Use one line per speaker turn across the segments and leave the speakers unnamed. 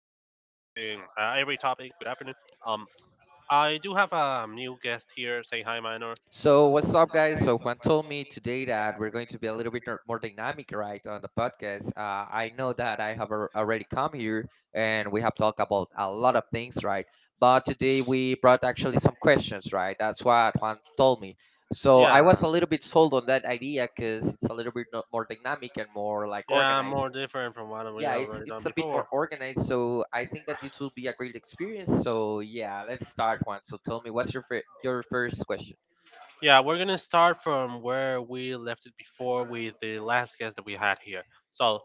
Every Topic. Good afternoon. Um, I do have a new guest here. Say hi, Minor.
So, what's up, guys? So, Juan told me today that we're going to be a little bit more dynamic, right, on the podcast. I know that I have already come here and we have talked about a lot of things, right? But today we brought actually some questions, right? That's what Juan told me. So, I was
Yeah,
a little bit sold on that idea because it's a little bit more dynamic and more like
yeah,
organized.
more different from what we
Yeah,
have
it's
already done
it's a bit more
before.
organized, so I think that it will be a great experience. So, yeah, let's start, Juan. So, tell me, what's your your first question?
Yeah, we're gonna start from where we left it before with the last guest that we had here. So,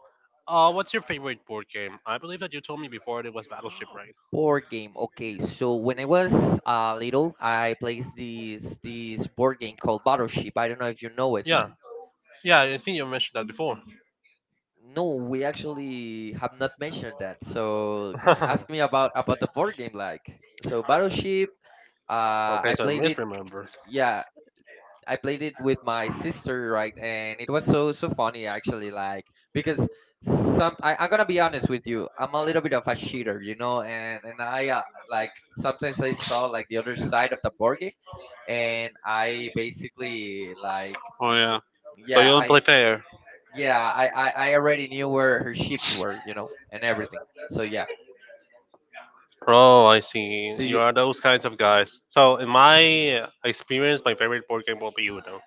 what's your favorite board game? I believe that you told me before it was Battleship, right?
Board game. Okay, so when I was little, I played this board game called Battleship. I don't know if you know it.
Yeah, yeah, I think you mentioned that before.
No, we actually have not mentioned that. So ask me about the board game, like so Battleship. I
Okay, so I
played it.
misremember.
Yeah, I played it with my sister, right? And it was so funny actually, like because I'm gonna be honest with you, I'm a little bit of a cheater, and I like sometimes I saw like the other side of the board game, and I basically like
Oh yeah. So you
yeah
don't play fair.
I already knew where her ships were, and everything. So yeah,
Oh, I see.
do
You
you
are those kinds of guys. So, in my experience, my favorite board game will be Uno.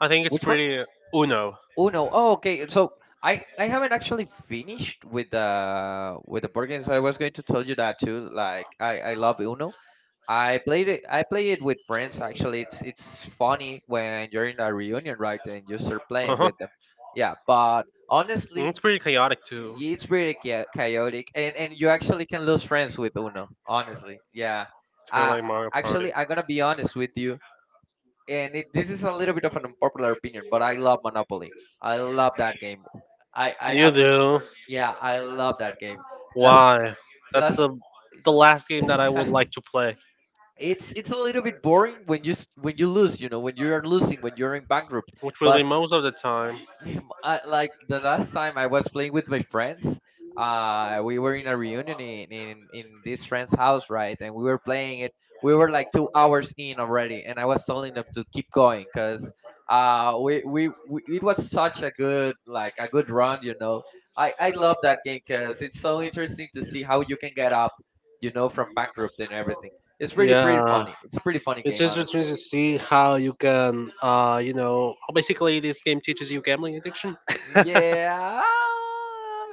I think it's
which one?
pretty. Uno.
Uno. Oh, okay. So I haven't actually finished with the board games. I was going to tell you that too. Like I love Uno. I played it. I play it with friends. Actually, it's funny when you're in a reunion, right? And you start playing
Uh-huh.
with them. Yeah, but
And it's
honestly,
pretty chaotic too,
it's pretty chaotic, and
kind
you actually can lose friends with Uno. Honestly, yeah.
of
Uh,
like Mario Party.
actually, I'm gonna be honest with you and this is a little bit of an unpopular opinion, but I love Monopoly. I love that game. I I
You
have
do?
Yeah, I love that game. Last
Why? That's
last
the last game that I would like to play,
It's a little bit boring when you when you lose, when you are losing, when you're in bankrupt.
which will
But
be most of the time.
Yeah, like the last time I was playing with my friends, we were in a reunion in this friend's house, right? And we were playing it. We were like 2 hours in already, and I was telling them to keep going because we it was such a good like a good run, I love that game because it's so interesting to see how you can get up, from bankrupt and everything. It's pretty
Yeah.
funny. It's a pretty funny
It's
game,
interesting
honestly.
to see how you can, basically this game teaches you gambling addiction.
Yeah,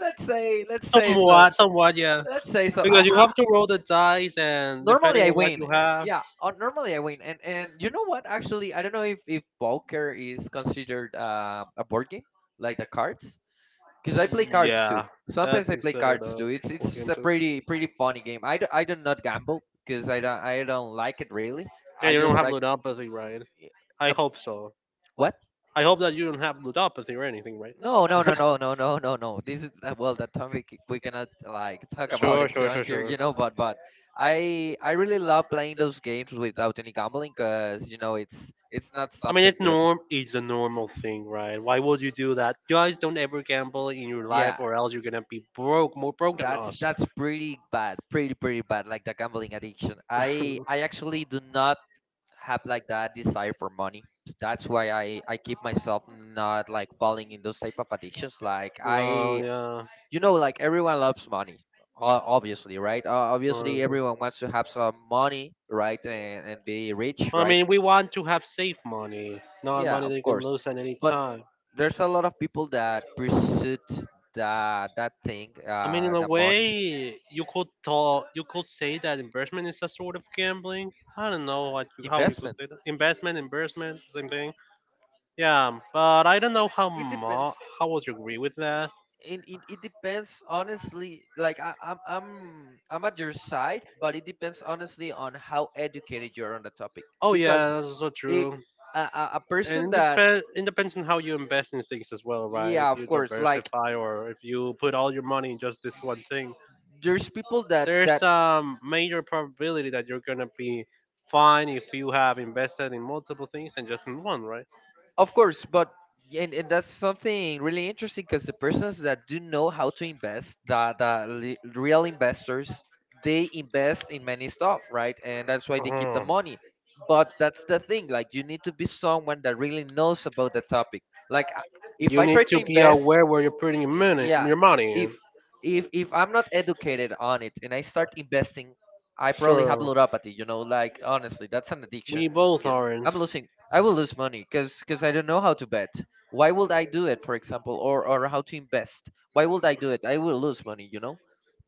let's say so.
Somewhat, somewhat, yeah.
Let's say so.
Because you
I
have to roll the dice, and
normally
depending
I
on what
win.
you have,
Yeah, normally I win. And you know what? Actually, I don't know if poker is considered a board game like the cards, because I play cards too.
yeah,
Sometimes
that's
I play
considered of
cards too. It's
the game
a
too.
pretty funny game. I do not gamble because I don't like it really. I
Yeah, you
just
don't have
like.
ludopathy, right? I
Um,
hope so.
what?
I hope that you don't have ludopathy or anything, right?
No, no, no, no, no, no, no, no. This is well, that topic we we cannot like talk about
Sure,
it here
sure,
on
sure,
here,
sure.
but I really love playing those games without any gambling, cause you know it's not
I mean,
something
it's
good.
norm. It's a normal thing, right? Why would you do that? Guys, don't ever gamble in your life,
Yeah,
or else you're gonna be broke, more broke than
that's
us.
that's pretty bad, pretty bad. Like the gambling addiction. I actually do not have like that desire for money. That's why I keep myself not like falling in those type of addictions. Like
Well,
I
yeah.
you know like everyone loves money obviously right obviously
Well,
everyone wants to have some money right and be rich
I
right
mean, we want to have safe money, not
yeah
money
of
that you can
course
lose at any
but
time.
there's a lot of people that pursued that thing
I mean, in a
the money
way, you could talk, you could say that investment is a sort of gambling. I don't know what you, how you could
investment
say that. Investment, investment, same thing. Yeah, but I don't know
it depends
how would you agree with that.
it depends honestly like i'm at your side but it depends honestly on how educated you're on the topic
Oh
because
yeah, that's so
if
true.
a person
And
that
it depends on how you invest in things as well, right? If
yeah of
you
course like
diversify or if you put all your money in just this one thing,
there's people that
there's
that
a major probability that you're gonna be fine if you have invested in multiple things and just in one, right?
of course but and that's something really interesting because the persons that do know how to invest real investors they invest in many stuff right and that's why they
Uh-huh.
keep the money but that's the thing like you need to be someone that really knows about the topic like if
You
I try
need
to
to be
invest
aware where you're putting your money,
yeah
your money.
if I'm not educated on it and I start investing, I probably have
Sure.
neuropathy. You know, like honestly, that's an addiction.
We both
'Cause
aren't.
I'm losing. I will lose money because I don't know how to bet. Why would I do it, for example, or how to invest? Why would I do it? I will lose money. You know,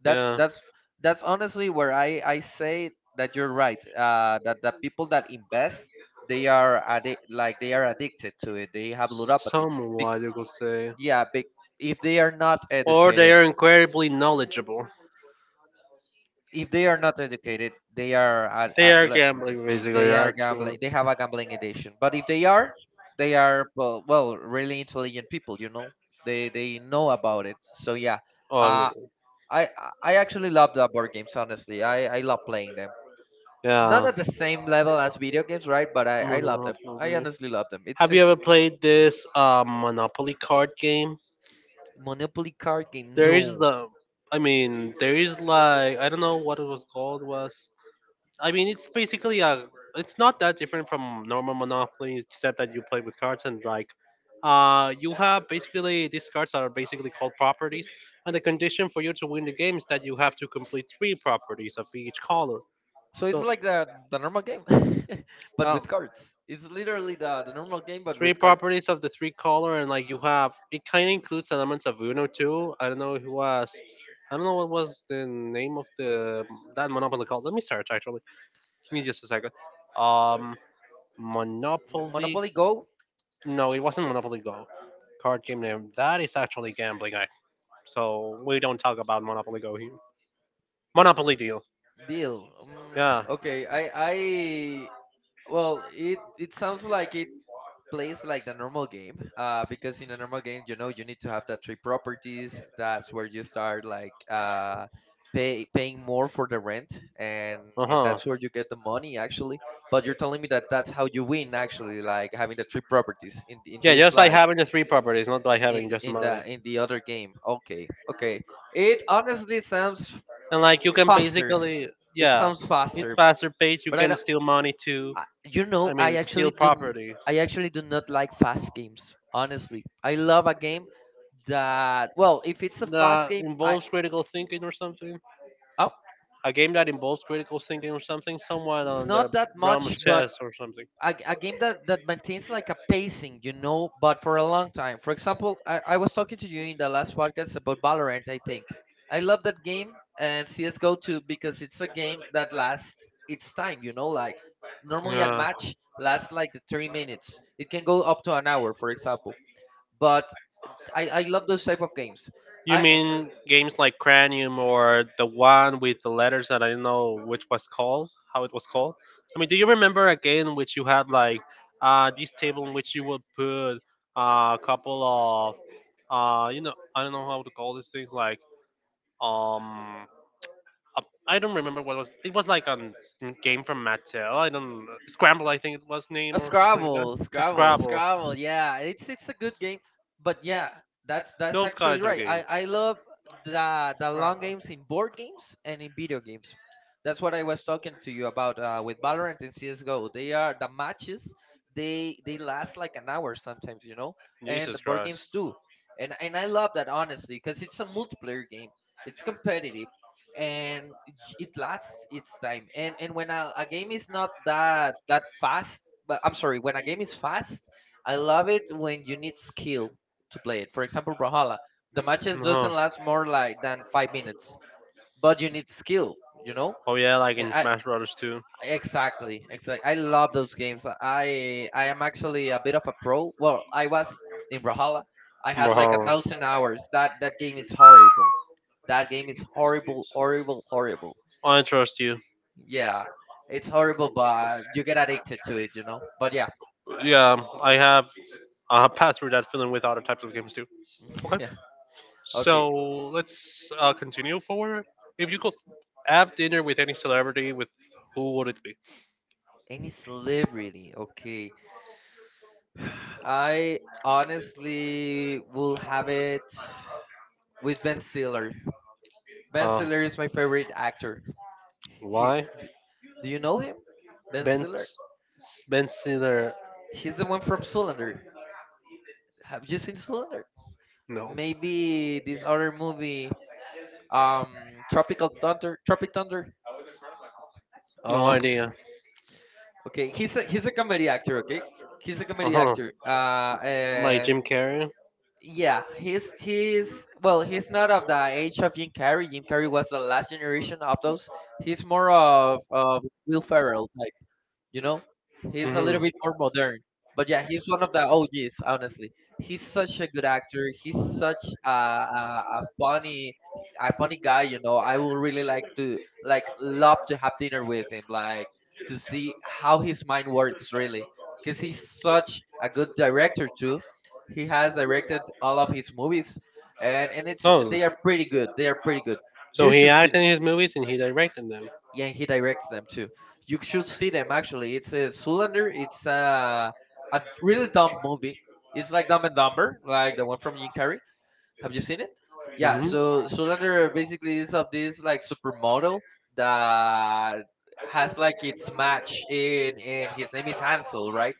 that's
Yeah.
that's that's honestly where I say that you're right. That the people that invest they are like they are addicted to it. They have neuropathy.
Somewhat,
Bec-
you could because say. And
yeah, bec- if they are not
or they
educated
are incredibly knowledgeable.
if they are not educated, they are at
They are gambling, basically,
they are
actually.
gambling. They have a gambling addiction. But if they are, they are well really intelligent people. You know, they know about it. So yeah,
Oh.
uh, I actually love the board games. Honestly, I love playing them.
Not
Not at the same
yeah.
level as video games, right? But I love them. I
Monopoly.
honestly love them.
Have you
It's
ever played this Monopoly card game?
Monopoly card game.
There is
No,
the, I mean, there is like I don't know what it was called was. I mean, it's basically a. It's not that different from normal Monopoly, except that you play with cards and like, you have basically these cards that are basically called properties, and the condition for you to win the game is that you have to complete three properties of each color.
so it's
So,
like the normal game, but
uh,
with cards. It's literally the normal game, but
three
with cards.
properties of the three color, and like you have, it kind of includes elements of Uno too. I don't know who was. I don't know what was the name of the that Monopoly called. Let me search actually. Give me just a second. Um. Monopoly.
Monopoly Go
No, it wasn't Monopoly Go. Card game name. That is actually gambling act. So we don't talk about Monopoly Go here. Monopoly Deal.
deal.
Yeah.
Okay, I well, it sounds like it plays like the normal game. Because in a normal game, you know, you need to have the three properties. That's where you start like paying more for the rent,
Uh
and
huh.
that's where you get the money actually. But you're telling me that that's how you win actually, like having the three properties in
Yeah,
this
just by
like
having the three properties, not by having
in
just
in the
money.
in the other game. Okay, okay. It honestly sounds
And like you can
faster.
basically,
It
yeah,
sounds
it's
faster,
faster pace. You
but I
can
don't.
steal money too.
I, you
I
know,
mean,
I actually
steal
do.
properties.
I actually do not like fast games. Honestly, I love a game that. Well, if it's a fast
That
game, I
involves critical thinking or something.
oh,
A game that involves critical thinking or something, somewhat on the
not that
realm of much,
much, but
chess or something.
a game that, that maintains like a pacing, you know, but for a long time. For example, I was talking to you in the last podcast about Valorant, I think. I love that game and CSGO too because it's a game that lasts its time, you know, like normally a
Yeah.
match lasts like 30 minutes. It can go up to an hour, for example. But I love those type of games.
You
I
mean games like Cranium or the one with the letters that I don't know which was called, how it was called? I mean, do you remember a game in which you had like this table in which you would put a couple of, I don't know how to call these things, like um, uh, I don't remember what it was. It was like a game from Mattel. I don't Scramble. I think it was name or something like that. The Scrabble.
Scrabble. Yeah, it's a good game, but yeah, that's
Those
actually
kinds of
right. I
games.
I
uh,
love the long games in board games and in video games. That's what I was talking to you about with Valorant and CS:GO. They are the matches. They last like an hour sometimes, you know,
the
and the
Jesus
board games
Christ.
too. And I love that honestly because it's a multiplayer game. It's competitive and it lasts its time. And when a game is not that fast but I'm sorry, when a game is fast, I love it when you need skill to play it. For example, Brawlhalla, the matches
No.
doesn't last more
No.
like than 5 minutes, but you need skill, you know.
Oh yeah, like
And
in
I
Smash Brothers too.
exactly, exactly, I love those games. I am actually a bit of a pro. Well, I was in Brawlhalla. I had like a thousand
Wow.
hours. That game is horrible. That game is horrible, horrible, horrible.
I trust you.
Yeah, it's horrible, but you get addicted to it, you know. But yeah,
Yeah, I have. I have passed through that feeling with other types of games too. Okay.
yeah. Okay,
So let's continue forward. If you could have dinner with any celebrity, with who would it be?
any celebrity, okay. I honestly will have it with Ben Stiller. Ben
Uh,
Stiller is my favorite actor. He's,
why?
d- do you know him? Ben
Ben
Stiller?
Ben Stiller.
He's the one from Zoolander. Have you seen Zoolander?
No,
Maybe this other movie, Tropical Thunder. Tropic Thunder.
no
Um,
idea.
okay, he's a
Uh-huh.
comedy actor. Okay, he's a comedy actor.
Like
Uh
Jim Carrey.
Yeah, he's well, he's not of the age of Jim Carrey. Jim Carrey was the last generation of those. He's more of Will Ferrell, you know he's a little
Mhm.
bit more modern, but yeah, he's one of the og's honestly. He's such a good actor. He's such a funny a funny guy. I will really like to, like, love to have dinner with him, like, to see how his mind works really, because he's such a good director too. He has directed all of his movies, and it's
Oh,
they are pretty good. They are pretty good.
so
You
he
should see,
acted in his movies and he directed them.
yeah, he directs them too. You should see them, actually. It's a Zoolander. It's a really dumb movie. It's like Dumb and Dumber, like the one from Jim Carrey. Have you seen it? Yeah, so
Mhm.
Zoolander basically is of this, like, supermodel that has, like, its match in, and his name is Hansel, right?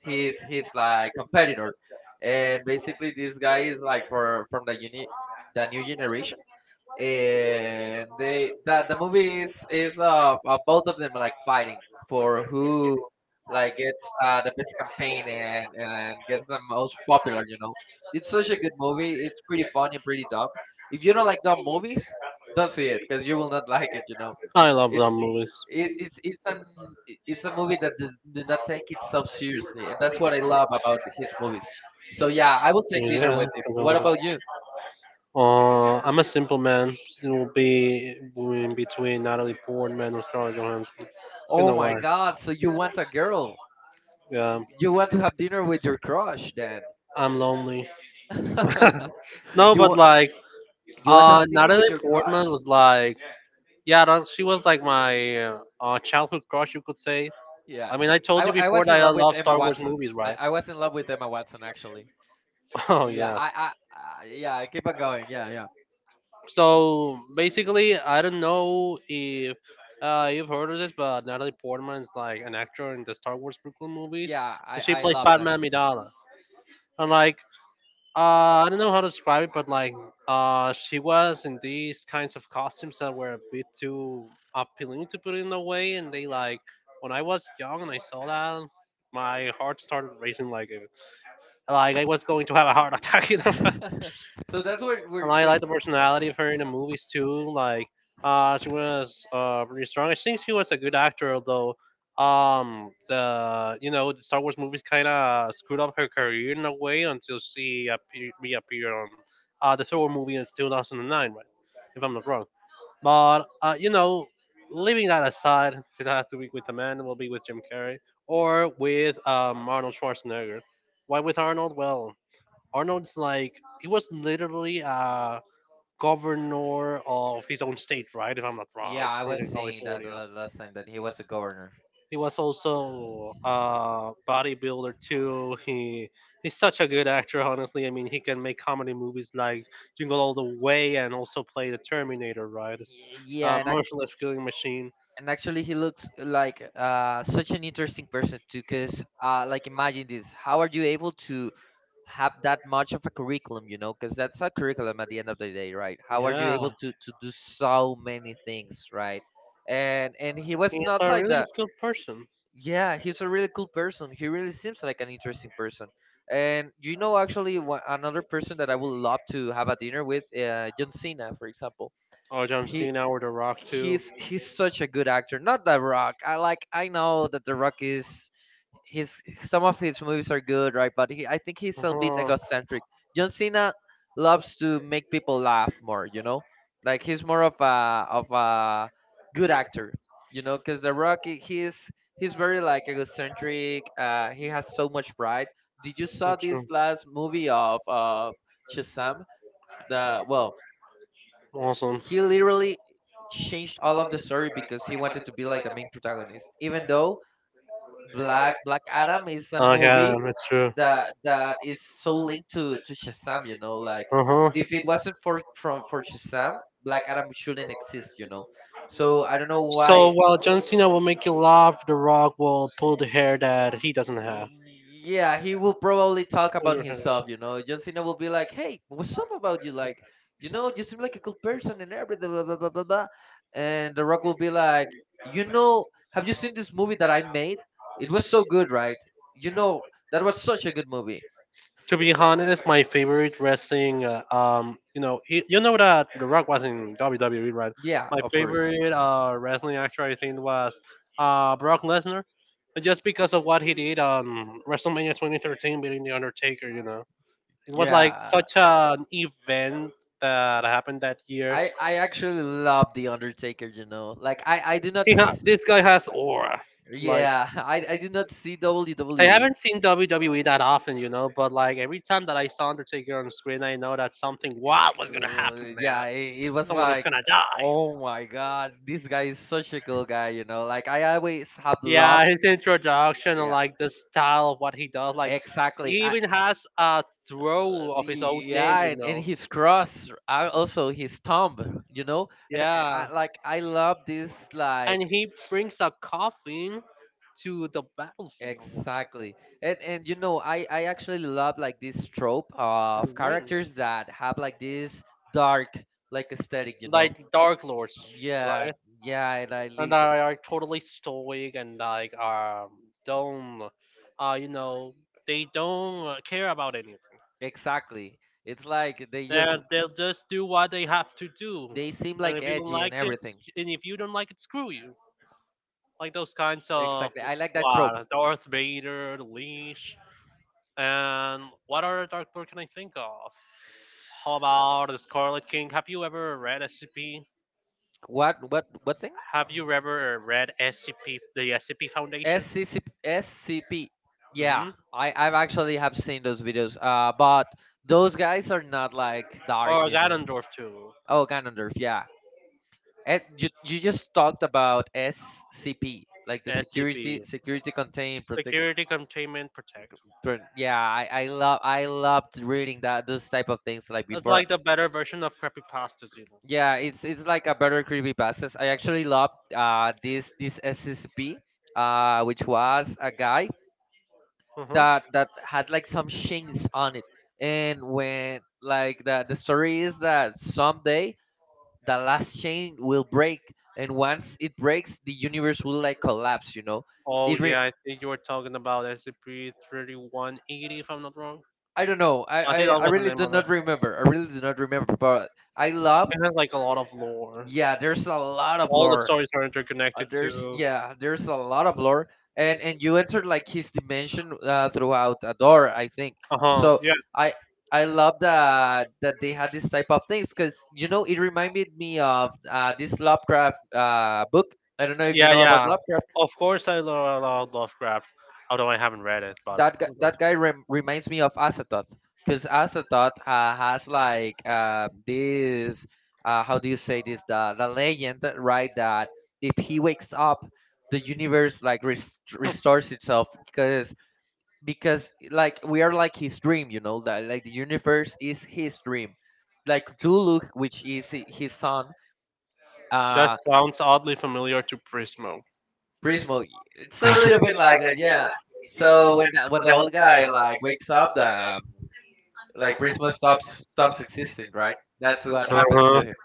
He's like competitor, and basically this guy is like for from the uni, the new generation. And the movie is both of them, like, fighting for who, like, gets the best campaign and gets the most popular, it's such a good movie. It's pretty fun and pretty dumb. If you don't like dumb movies, don't see it because you will not like it,
I love
it's
them movies.
it's it's it's, an, it's a movie that do not take itself seriously, and that's what I love about his movies. So
Yeah.
yeah, I
I
will
love
take dinner with him. What
them.
about you?
I'm a simple man. It will be in between Natalie Portman or Scarlett Johansson. You
Oh
know
my
why?
god, so you want a girl.
Yeah,
You want to have dinner with your crush, then.
I'm lonely. No,
you
but
want
like,
you want to have dinner
Natalie
with your
Portman
crush?
was like, yeah, that, she was like my childhood crush, you could say.
Yeah.
I mean, I told you
I
before
was
that
in
I
love with
love
Emma
Star Wars
Watson.
movies,
I,
right?
I was in love with Emma Watson actually.
Oh
Yeah,
yeah.
I yeah, keep on going. Yeah, yeah.
So basically, I don't know if you've heard of this, but Natalie Portman is like an actor in the Star Wars prequel movies,
Yeah, I,
and she
I
plays
love
Padme
Natalie Portman.
Amidala. And like, I don't know how to describe it, but like, she was in these kinds of costumes that were a bit too appealing to put in a way, and they like, when I was young and I saw that, my heart started racing like, like I was going to have a heart attack. You know?
so that's what we're
And I
when
like the personality of her in the movies too. Like, she was pretty strong. I think she was a good actor, although the you know the Star Wars movies kind of screwed up her career in a way until reappeared on the Star Wars movie in 2009, right? If I'm not wrong. But leaving that aside, if it has to be with a man, it will be with Jim Carrey or with Arnold Schwarzenegger. Why with Arnold? Well, Arnold's like he was literally a governor of his own state, right? If I'm not yeah, wrong,
Yeah, I
yeah,
was
in
seeing that the
California.
last time that he was a governor.
He was also a bodybuilder too. He's such a good actor, honestly. I mean, he can make comedy movies like Jingle All the Way and also play the Terminator, right? It's
Yeah,
a
and I,
merciless killing machine.
and actually he looks like such an interesting person too, because like, imagine this, how are you able to have that much of a curriculum, because that's a curriculum at the end of the day, right? How are you able to do
Yeah.
so many things, right? And he was
He's
not
a
like
really
that.
skilled person.
Yeah, he's a really cool person. He really seems like an interesting person. And you know, actually, another person that I would love to have a dinner with, John Cena, for example.
Oh, John
he
Cena or The Rock too.
he's such a good actor. Not The Rock. I like, I know that The Rock is, his, some of his movies are good, right? But he, I think he's a bit
Uh-huh.
egocentric. John Cena loves to make people laugh more. You know, like, he's more of a good actor. You know, because The Rock, he's very, like, egocentric. He has so much pride. Did you saw
That's true.
this last movie of Shazam? The, well,
Awesome.
he literally changed all of the story because he wanted to be like the main protagonist. Even though Black Adam is a
Oh yeah,
movie
that's true.
that is so linked to Shazam, you know, like,
Uh huh.
if it wasn't for from for Shazam, Black Adam shouldn't exist, you know. So I don't know
So
why.
while John Cena will make you laugh, The Rock will pull the hair that he doesn't have.
Yeah, he will probably talk about himself, you know. John Cena will be like, "Hey, what's up about you? Like, you know, you seem like a cool person and everything." Blah blah blah blah blah. And The Rock will be like, "You know, have you seen this movie that I made? It was so good, right? You know, that was such a good movie."
To be honest, my favorite wrestling, you know that The Rock was in WWE. My
Yeah, of course.
favorite wrestling actor, I think, was Brock Lesnar, but just because of what he did on WrestleMania 2013, beating The Undertaker. It was like
Yeah,
such an event that happened that year.
I actually love The Undertaker. You know, like, I do not.
This guy has aura. Like,
Yeah, I do not see
I
WWE.
haven't seen WWE that often, but like every time that I saw Undertaker on screen, I know that something wild was gonna happen, man.
Yeah, it was
Someone was
like,
gonna die.
oh my god, this guy is such a cool guy, you know. Like, I always have love.
Yeah, his introduction and
Yeah,
like the style of what he does, like
exactly.
he
I,
even has a throw of his own name,
yeah,
you
and
know.
his cross, also his thumb, you know. And I
Yeah,
like, I love this,
and
like,
he brings a coffin to the battlefield,
exactly. And
to
and you know, I actually love, like, this trope
the
of
ring,
characters that have, like, this dark, like, aesthetic, you know.
like Dark Lords,
Yeah,
right?
yeah, and I
And they
like,
are totally stoic and like don't, uh you know, they don't care about anything.
exactly. It's like they just,
They'll just do what they have to do,
they seem
and
like
if you don't
edgy
like
and
it,
everything.
and if you don't like it, screw you. Like those kinds of
Exactly. I like that trope.
what Darth Vader, the Leash, and what other Dark Lord can I think of? How about the Scarlet King? Have you ever read SCP?
What thing?
Have you ever read SCP, the SCP Foundation?
SCP, SCP. Yeah,
Hmm.
I've actually have seen those videos. But those guys are not like dark,
Or
you know.
Ganondorf too.
Oh, Ganondorf. Yeah. Eh, you just talked about
SCP
SCP, like the
like Security SCP,
security
security Containment
contained protect.
Security Containment Protect.
Yeah, I love, I loved reading that, those type of things like
It's
before.
like the better version of creepypastas, you
Yeah, it's like a better creepy passes. I actually love this SCP which was a guy
know. Mhm.
that had like some chains on it. And when, like, the story is that someday the last chain will break, and once it breaks the universe will like collapse, you know.
Oh
It
it,
re-
yeah, I think you were talking about SCP 3180, if I'm not wrong.
I
I
don't
don't know.
know.
I think that
I
was the
really
honestly name
do
of I'm it.
not
Not.
remember. I really do not remember, but I
I love.
love,
It has like a lot of lore. Yeah,
yeah,
there's
there's
a
a
lot.
lot
Of
of
all the lore.
lore.
Stories are interconnected there's
There's
to. Yeah,
Yeah, there's
there's
a
a
lot of lore. And you enter, like, his dimension throughout a door, I think.
lot of lore. Huh.
So
So yeah.
i I love that, that they had this type of things because, you know, it reminded me of, this Lovecraft, book. I
I
don't
don't know
know
if
if you
yeah. You love
know about
yeah. Lovecraft.
Lovecraft.
Of course, I Lovecraft, although I haven't read it, but. That
That guy,
that, you know.
that guy reminds me of Azatoth, because Azatoth, has, like, this, how do you say this, the legend, right, that if he wakes up, the universe, like, restores itself, because, like, we are like his dream, you know, that, like, the universe is his dream, like Cthulhu, which is his son.
That
uh
sounds oddly familiar to Prismo.
Prismo, it's a little bit like that, yeah. So when the old guy like wakes up, the um, like, pretty stops existing, right? That's what happens to
Uh-huh.
him.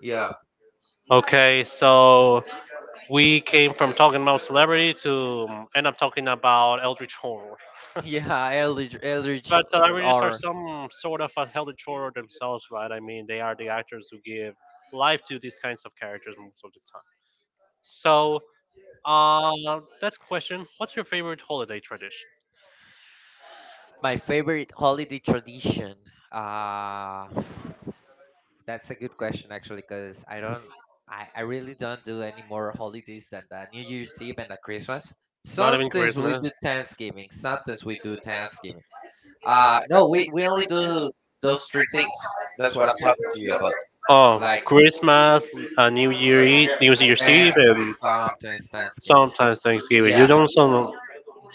Yeah,
Okay, so we came from talking about celebrity to end up talking about Eldritch Horror.
yeah. Eldritch, Eldritch
But celebrities are
horror.
some sort of a Eldritch Horror themselves, right? I mean, they are the actors who give life to these kinds of characters most of the time. So, that's the question. What's your favorite holiday tradition?
My favorite holiday tradition. Uh, that's a good question, actually, because I really don't do any more holidays than the New Year's Eve and the Christmas.
Not even Something
Sometimes we
Christmas.
do Thanksgiving. Sometimes we do Thanksgiving. No, we only do those three things. That's what I'm talking to you about.
Oh,
Like,
Christmas, New Year, New Year's Eve,
Thanks,
and
sometimes Thanksgiving.
sometimes Thanksgiving.
Yeah.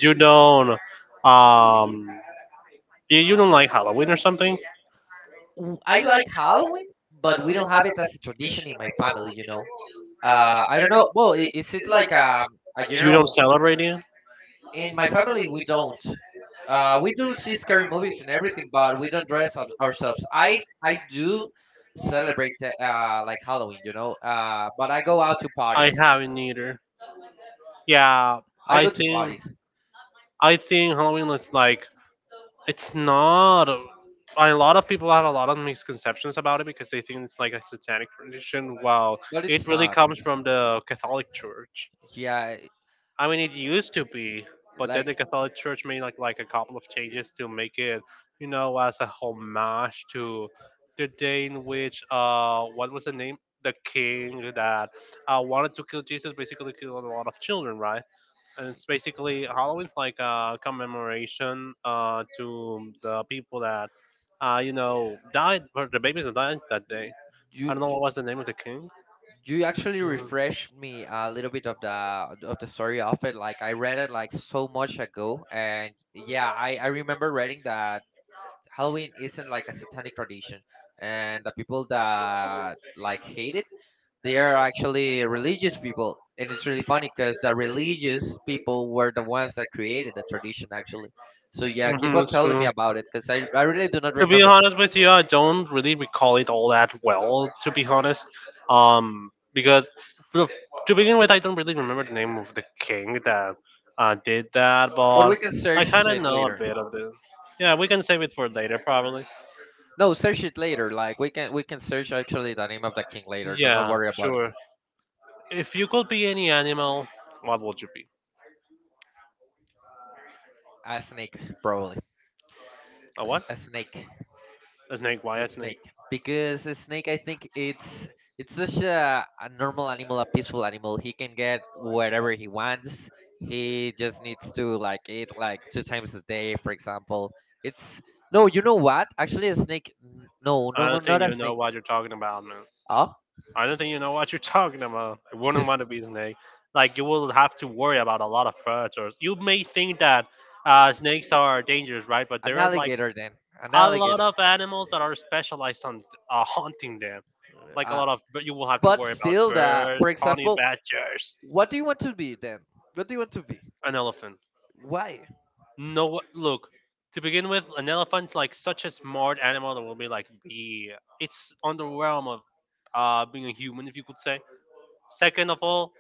You don't um you don't like Halloween or something?
I like Halloween, but we don't have it as a tradition in my family, you know. I don't know. Well, is it like a
Don't
general?
celebrate it?
In my family, we don't. We do see scary movies and everything, but we don't dress up ourselves. I do celebrate the, like, Halloween, you know. But I go out to
I
parties.
haven't either. Yeah,
I go to
think
parties,
I think Halloween is it's not. A lot of people have a lot of misconceptions about it because they think it's like a satanic tradition, while
but
it
it's
really
not.
comes from the Catholic Church.
Yeah,
I mean, it used to be, but then the
like,
Catholic Church made like a couple of changes to make it, you know, as a homage to the day in which, what was the name? The king that wanted to kill Jesus basically killed a lot of children, right? And it's basically Halloween's like a commemoration, to the people that, you know, died, or the babies that died that
you,
day. I
you,
don't know what was the name of the king.
you actually refreshed me a little bit of the story of it, like, I read it like so much ago, and yeah, I remember reading that Halloween isn't like a satanic tradition, and the people that, like, hate it, they are actually religious people, and it's really funny because the religious people were the ones that created the tradition, actually. So yeah, keep
Mhm,
on
it's
telling me
true.
about it because I really do not
To be
remember,
honest with you, I don't really recall it all that well. To be honest, because to to begin with, I don't really remember the name of the king that did that,
but
but
we can
I
search
kind of
it
know a
later.
bit of it. Yeah, we can save it for later, probably.
No, search it later. Like, we can search actually the name of the king later. Do not
Yeah,
worry about it.
sure. If you could be any animal, what would you be?
A snake, probably.
A
A,
what?
a snake.
A snake? Why
A
a
snake.
snake?
Because a snake, I think it's such a normal animal, a peaceful animal. He can get whatever he wants. He just needs to, like, eat like two times a day, for example. It's, no, you know what? Actually, a snake, no,
I
no,
don't think
not a
you know
snake.
what you're talking about, man.
Oh,
I don't think you know what you're talking about. I wouldn't
just
want to be a snake. Like, you will have to worry about a lot of predators. You may think that, snakes are dangerous, right? But
an
there are like
alligator then. An
a lot
alligator.
of animals that are specialized on, hunting them. Like a
Uh,
lot of, but you will have to
but
worry about
still the,
birds,
for
honey
example,
badgers,
what do you want to be then? What do you want to be?
an elephant.
Why?
No, look. To begin with, an elephant's like such a smart animal that will be be. It's on the realm of, being a human, if you could say. Second of all,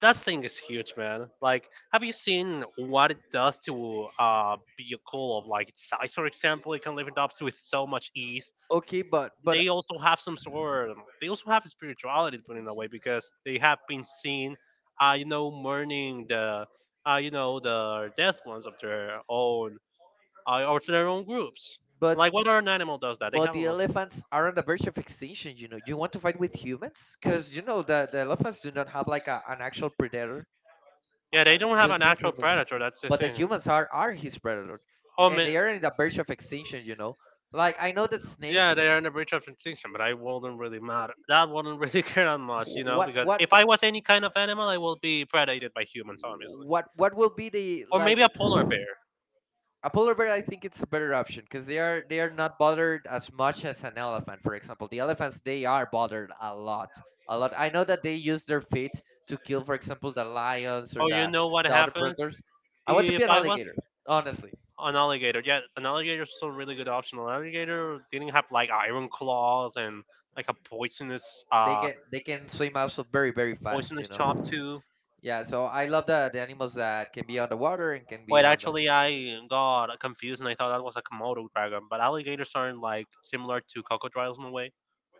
that thing is huge, man. Like, have you seen what it does to a vehicle of like its size? For example, it can lift it up with so much ease.
Okay, but
They also have some sort. They also have spirituality put in a way because they have been seen, you know, mourning the, you know, the death ones of their own, or to their own groups.
but
Like, what other animal does that? They
the
haven't looked-
elephants are on the verge of extinction. You know, you want to fight with humans because, you know, the elephants do not have like an actual predator,
yeah, they don't have a
just the
natural
humans.
predator. That's the
But the
thing.
humans are his predator,
Oh
and
man,
they are in the verge of extinction. You know, like, I know that
yeah, they are
snakes.
in a breach of extinction, but I wouldn't really matter. That wouldn't really care that much, you
wh-
know,
What
because
what
if I was any kind of animal, I will be predated by humans, obviously,
what will be the,
or maybe
like,
a polar bear.
a polar bear? I think it's a better option, because they are, they are not bothered as much as an elephant. For example, the elephants, they are bothered a lot, a lot. I know that they use their feet to kill, for example, the lions or
Oh, you
the
know what
the other
happens
predators. I want to be
if
an
I was
alligator, honestly.
an alligator? Yeah, an alligator is a really good option. An alligator didn't have like iron claws and like a poisonous,
They can, they can swim also very very fast, you
poisonous chop
know.
too.
Yeah, so I love the animals that can be on the water and can be
Wait,
on the,
actually, I got confused and I thought that was like a Komodo dragon, but alligators aren't like similar to crocodiles in a way.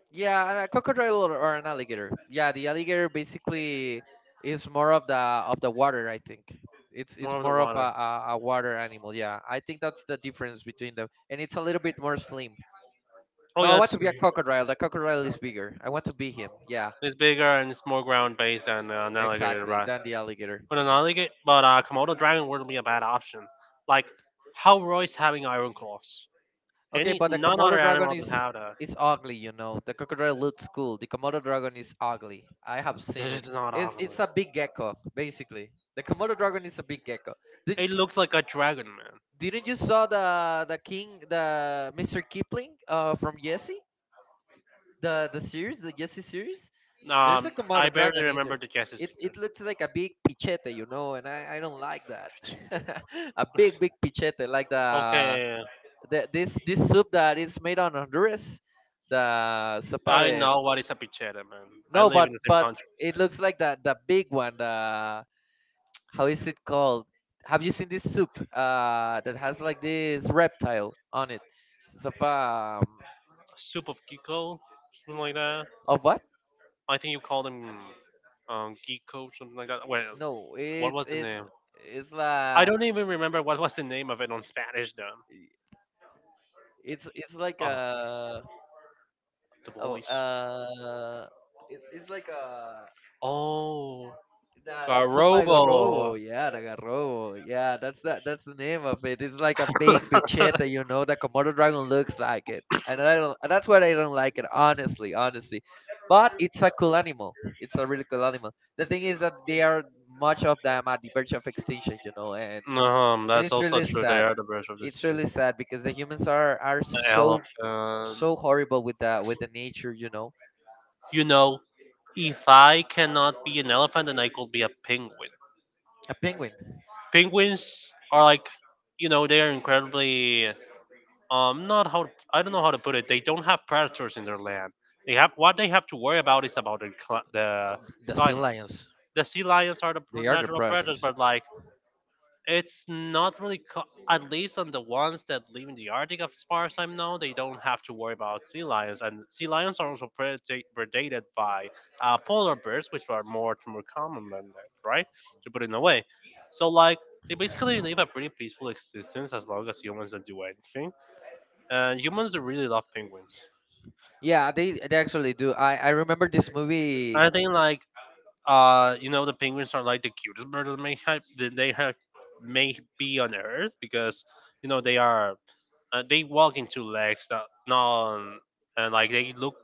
yeah, and a crocodile or an alligator. Yeah, the alligator basically is more of the water. I think it's
More
it's
of the
more of
water.
a water animal. Yeah, I think that's the difference between them, and it's a little bit more slim.
Oh
No, I
yeah,
want to be a crocodile. The crocodile is bigger. I want to be him. Yeah,
it's bigger and it's more ground based than, an alligator,
exactly.
right?
Than the alligator.
But an alligator, but a Komodo dragon wouldn't be a bad option. Like, how Roy's having iron claws.
Okay,
Any
but the
none other
Komodo dragon
animal does
is
have that.
is ugly. You know, the crocodile looks cool. The Komodo dragon is ugly. I have seen it.
This is not
It's
awful.
it's a big gecko basically. The Komodo dragon is a big gecko. Did you
It looks like a dragon, man.
Didn't you saw the Mr. Kipling from Jesse, the series, the Jesse series? There's a
I
Komodo
barely
dragon in there.
remember the guesses.
It looks like a big pichete, you know, and I don't like that. A big pichete like the,
Okay,
the this soup that is made on Honduras, the sopa
I
de.
know what is a pichetta, man. I
No,
live in the same
but
country.
it looks like the big one, the how is it called? Have you seen this soup that has like this reptile on it? It's
Soup of gecko, something like that.
of what?
I think you call them, gecko, something like that. Well,
No,
what was the name?
it's like
I don't even remember what was the name of it on Spanish, though.
it's like
Oh, the voice.
a it's like a.
Oh,
That's
a
sopa de
robo.
garrobo. Yeah, the garrobo. Yeah, that's the name of it. It's like a big pichete, you know. The Komodo dragon looks like it, and I don't. And That's why I don't like it. Honestly, honestly, but it's a cool animal. It's a really cool animal. The thing is that they are much of them at the verge of extinction, you know, and and
That's
it's
also
really
true. They
sad.
are the birds of
It's
this
really sad because the humans are so
elephant.
so horrible with the nature, you know.
You know, if I cannot be an elephant, then I could be a penguin.
A penguin,
Penguins are like, you know, they are incredibly not how I don't know how to put it. They don't have predators in their land. They have what they have to worry about is about the
the sea
climate.
lions,
The sea lions are the
they are the
natural predators,
predators.
but like it's not really, at least on the ones that live in the Arctic, as far as I know, they don't have to worry about sea lions. And sea lions are also predated by, polar bears, which are more common than that, right? To put it in a way. So, like, they basically live a pretty peaceful existence as long as humans don't do anything. And humans really love penguins.
Yeah, they actually do. I remember this movie.
I think, like, you know, the penguins are like the cutest birds that they have may be on Earth because, you know, they are they walk in two legs, that non, and like they look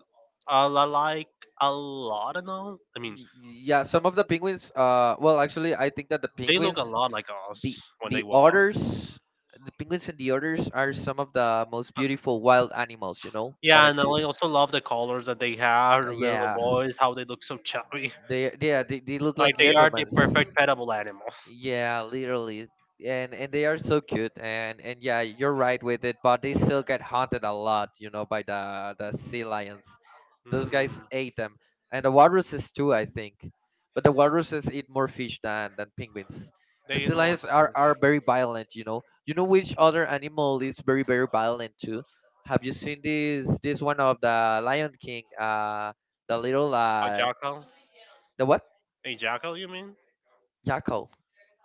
a lot like a lot of non. I mean,
y- Yeah, some of the penguins. Well, actually, I think that the
they look a
penguins,
lot like us
the
when they
the
walk.
otters, the penguins and the otters are some of the most beautiful wild animals. You know that
Yeah, and I
exist.
also love the colors that they have. The little
Yeah,
boys, how they look so chubby.
they look
Like
like
they are the
gentlemen.
perfect petable animal.
Yeah, literally. And they are so cute and yeah, you're right with it, but they still get hunted a lot, you know, by the sea lions. Those guys
Hmm.
ate them. And the walruses too, I think. But the walruses eat more fish than penguins.
They
The
eat
sea lions are
monsters.
are very violent, you know. You know which other animal is very very violent too? Have you seen this one of the Lion King, the little
A jackal?
the what?
A jackal, you mean?
Jackal.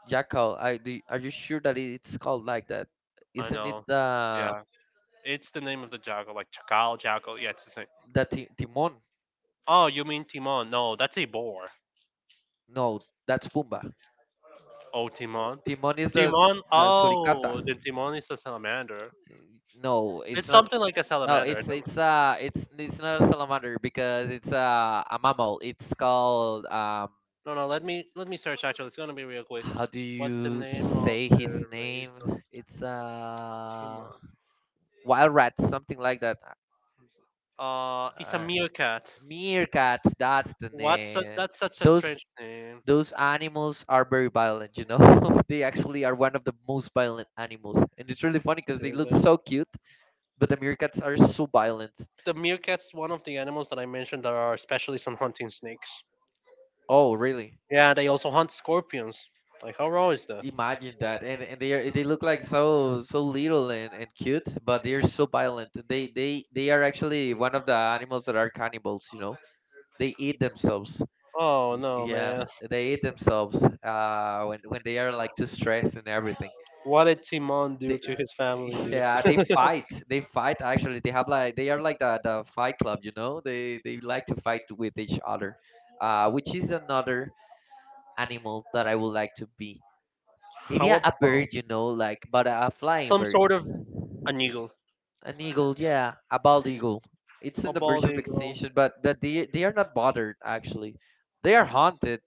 Jackal, I do, are you sure that it's called like that?
I
Isn't it
know. Yeah, it's the name of the jackal, like chacal, jackal. Yeah, it's the same.
the ti Timon?
Oh, you mean Timon? No, that's a boar.
No, that's Pumbaa.
Oh, Timon.
Timon is
Timon.
the suricata.
Oh, then Timon is a salamander.
No, it's
It's
not.
something like a
No,
salamander. I
it's
don't-
it's uh it's it's not a salamander because it's a mammal. It's called
no, no. Let me search. Actually, it's gonna be real quick.
how do
What's the
you
name of
say his
the
name?
race of
It's
Timon?
wild rat, something like that.
It's a
Uh,
meerkat.
Meerkat, that's the name.
That's such a
Those
strange name.
those animals are very violent, you know. They actually are one of the most violent animals, and it's really funny because they look
Seriously.
so cute, but the meerkats are so violent.
The meerkat's one of the animals that I mentioned that are specialists on hunting snakes.
Oh really?
Yeah, they also hunt scorpions. Like, how raw is that?
Imagine that. And they are, they look like so so little and cute, but they're so violent. They are actually one of the animals that are cannibals, you know. They eat themselves.
Oh no,
Yeah,
man.
they eat themselves when they are like too stressed and everything.
What did Timon
They,
do to his family, dude?
yeah, they fight they fight actually. They have like, they are like the fight club, you know. They like to fight with each other. Which is another animal that I would like to be. Maybe
How about
a bird, you know, like, but a flying
some
bird.
sort of an eagle,
An eagle, yeah, a bald eagle. It's
a
in the verge
bald
of
eagle?
extinction, but that they are not bothered actually. They are haunted,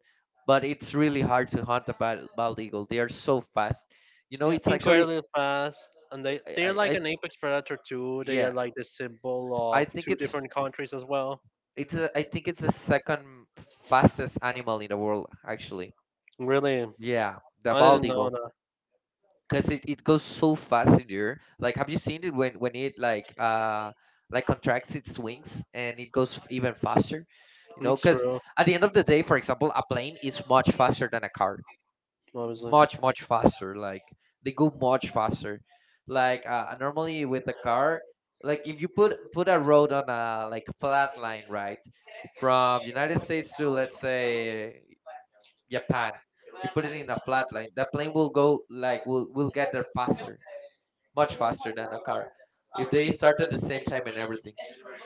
but it's really hard to hunt a bald eagle. They are so fast, you know.
Yeah,
It's actually
incredibly fast, and
i
they're
i,
like
I
an apex predator too. They are
yeah
like the symbol
I
of
think
two
it's
different countries as well.
It's a, I think it's the second fastest animal in the world, actually.
Really,
Yeah, the
I
bald
didn't know
eagle,
that.
because it goes so fast in the air. Like, have you seen it when it like contracts its wings and it goes even faster? You know,
It's
because
true,
at the end of the day, for example, a plane is much faster than a car.
obviously.
Much much faster. Like, they go much faster. Like normally with a car, like, if you put a road on a, like, flat line, right? From United States to, let's say, Japan, you put it in a flat line, that plane will go, like, will get there faster, much faster than a car, if they start at the same time and everything,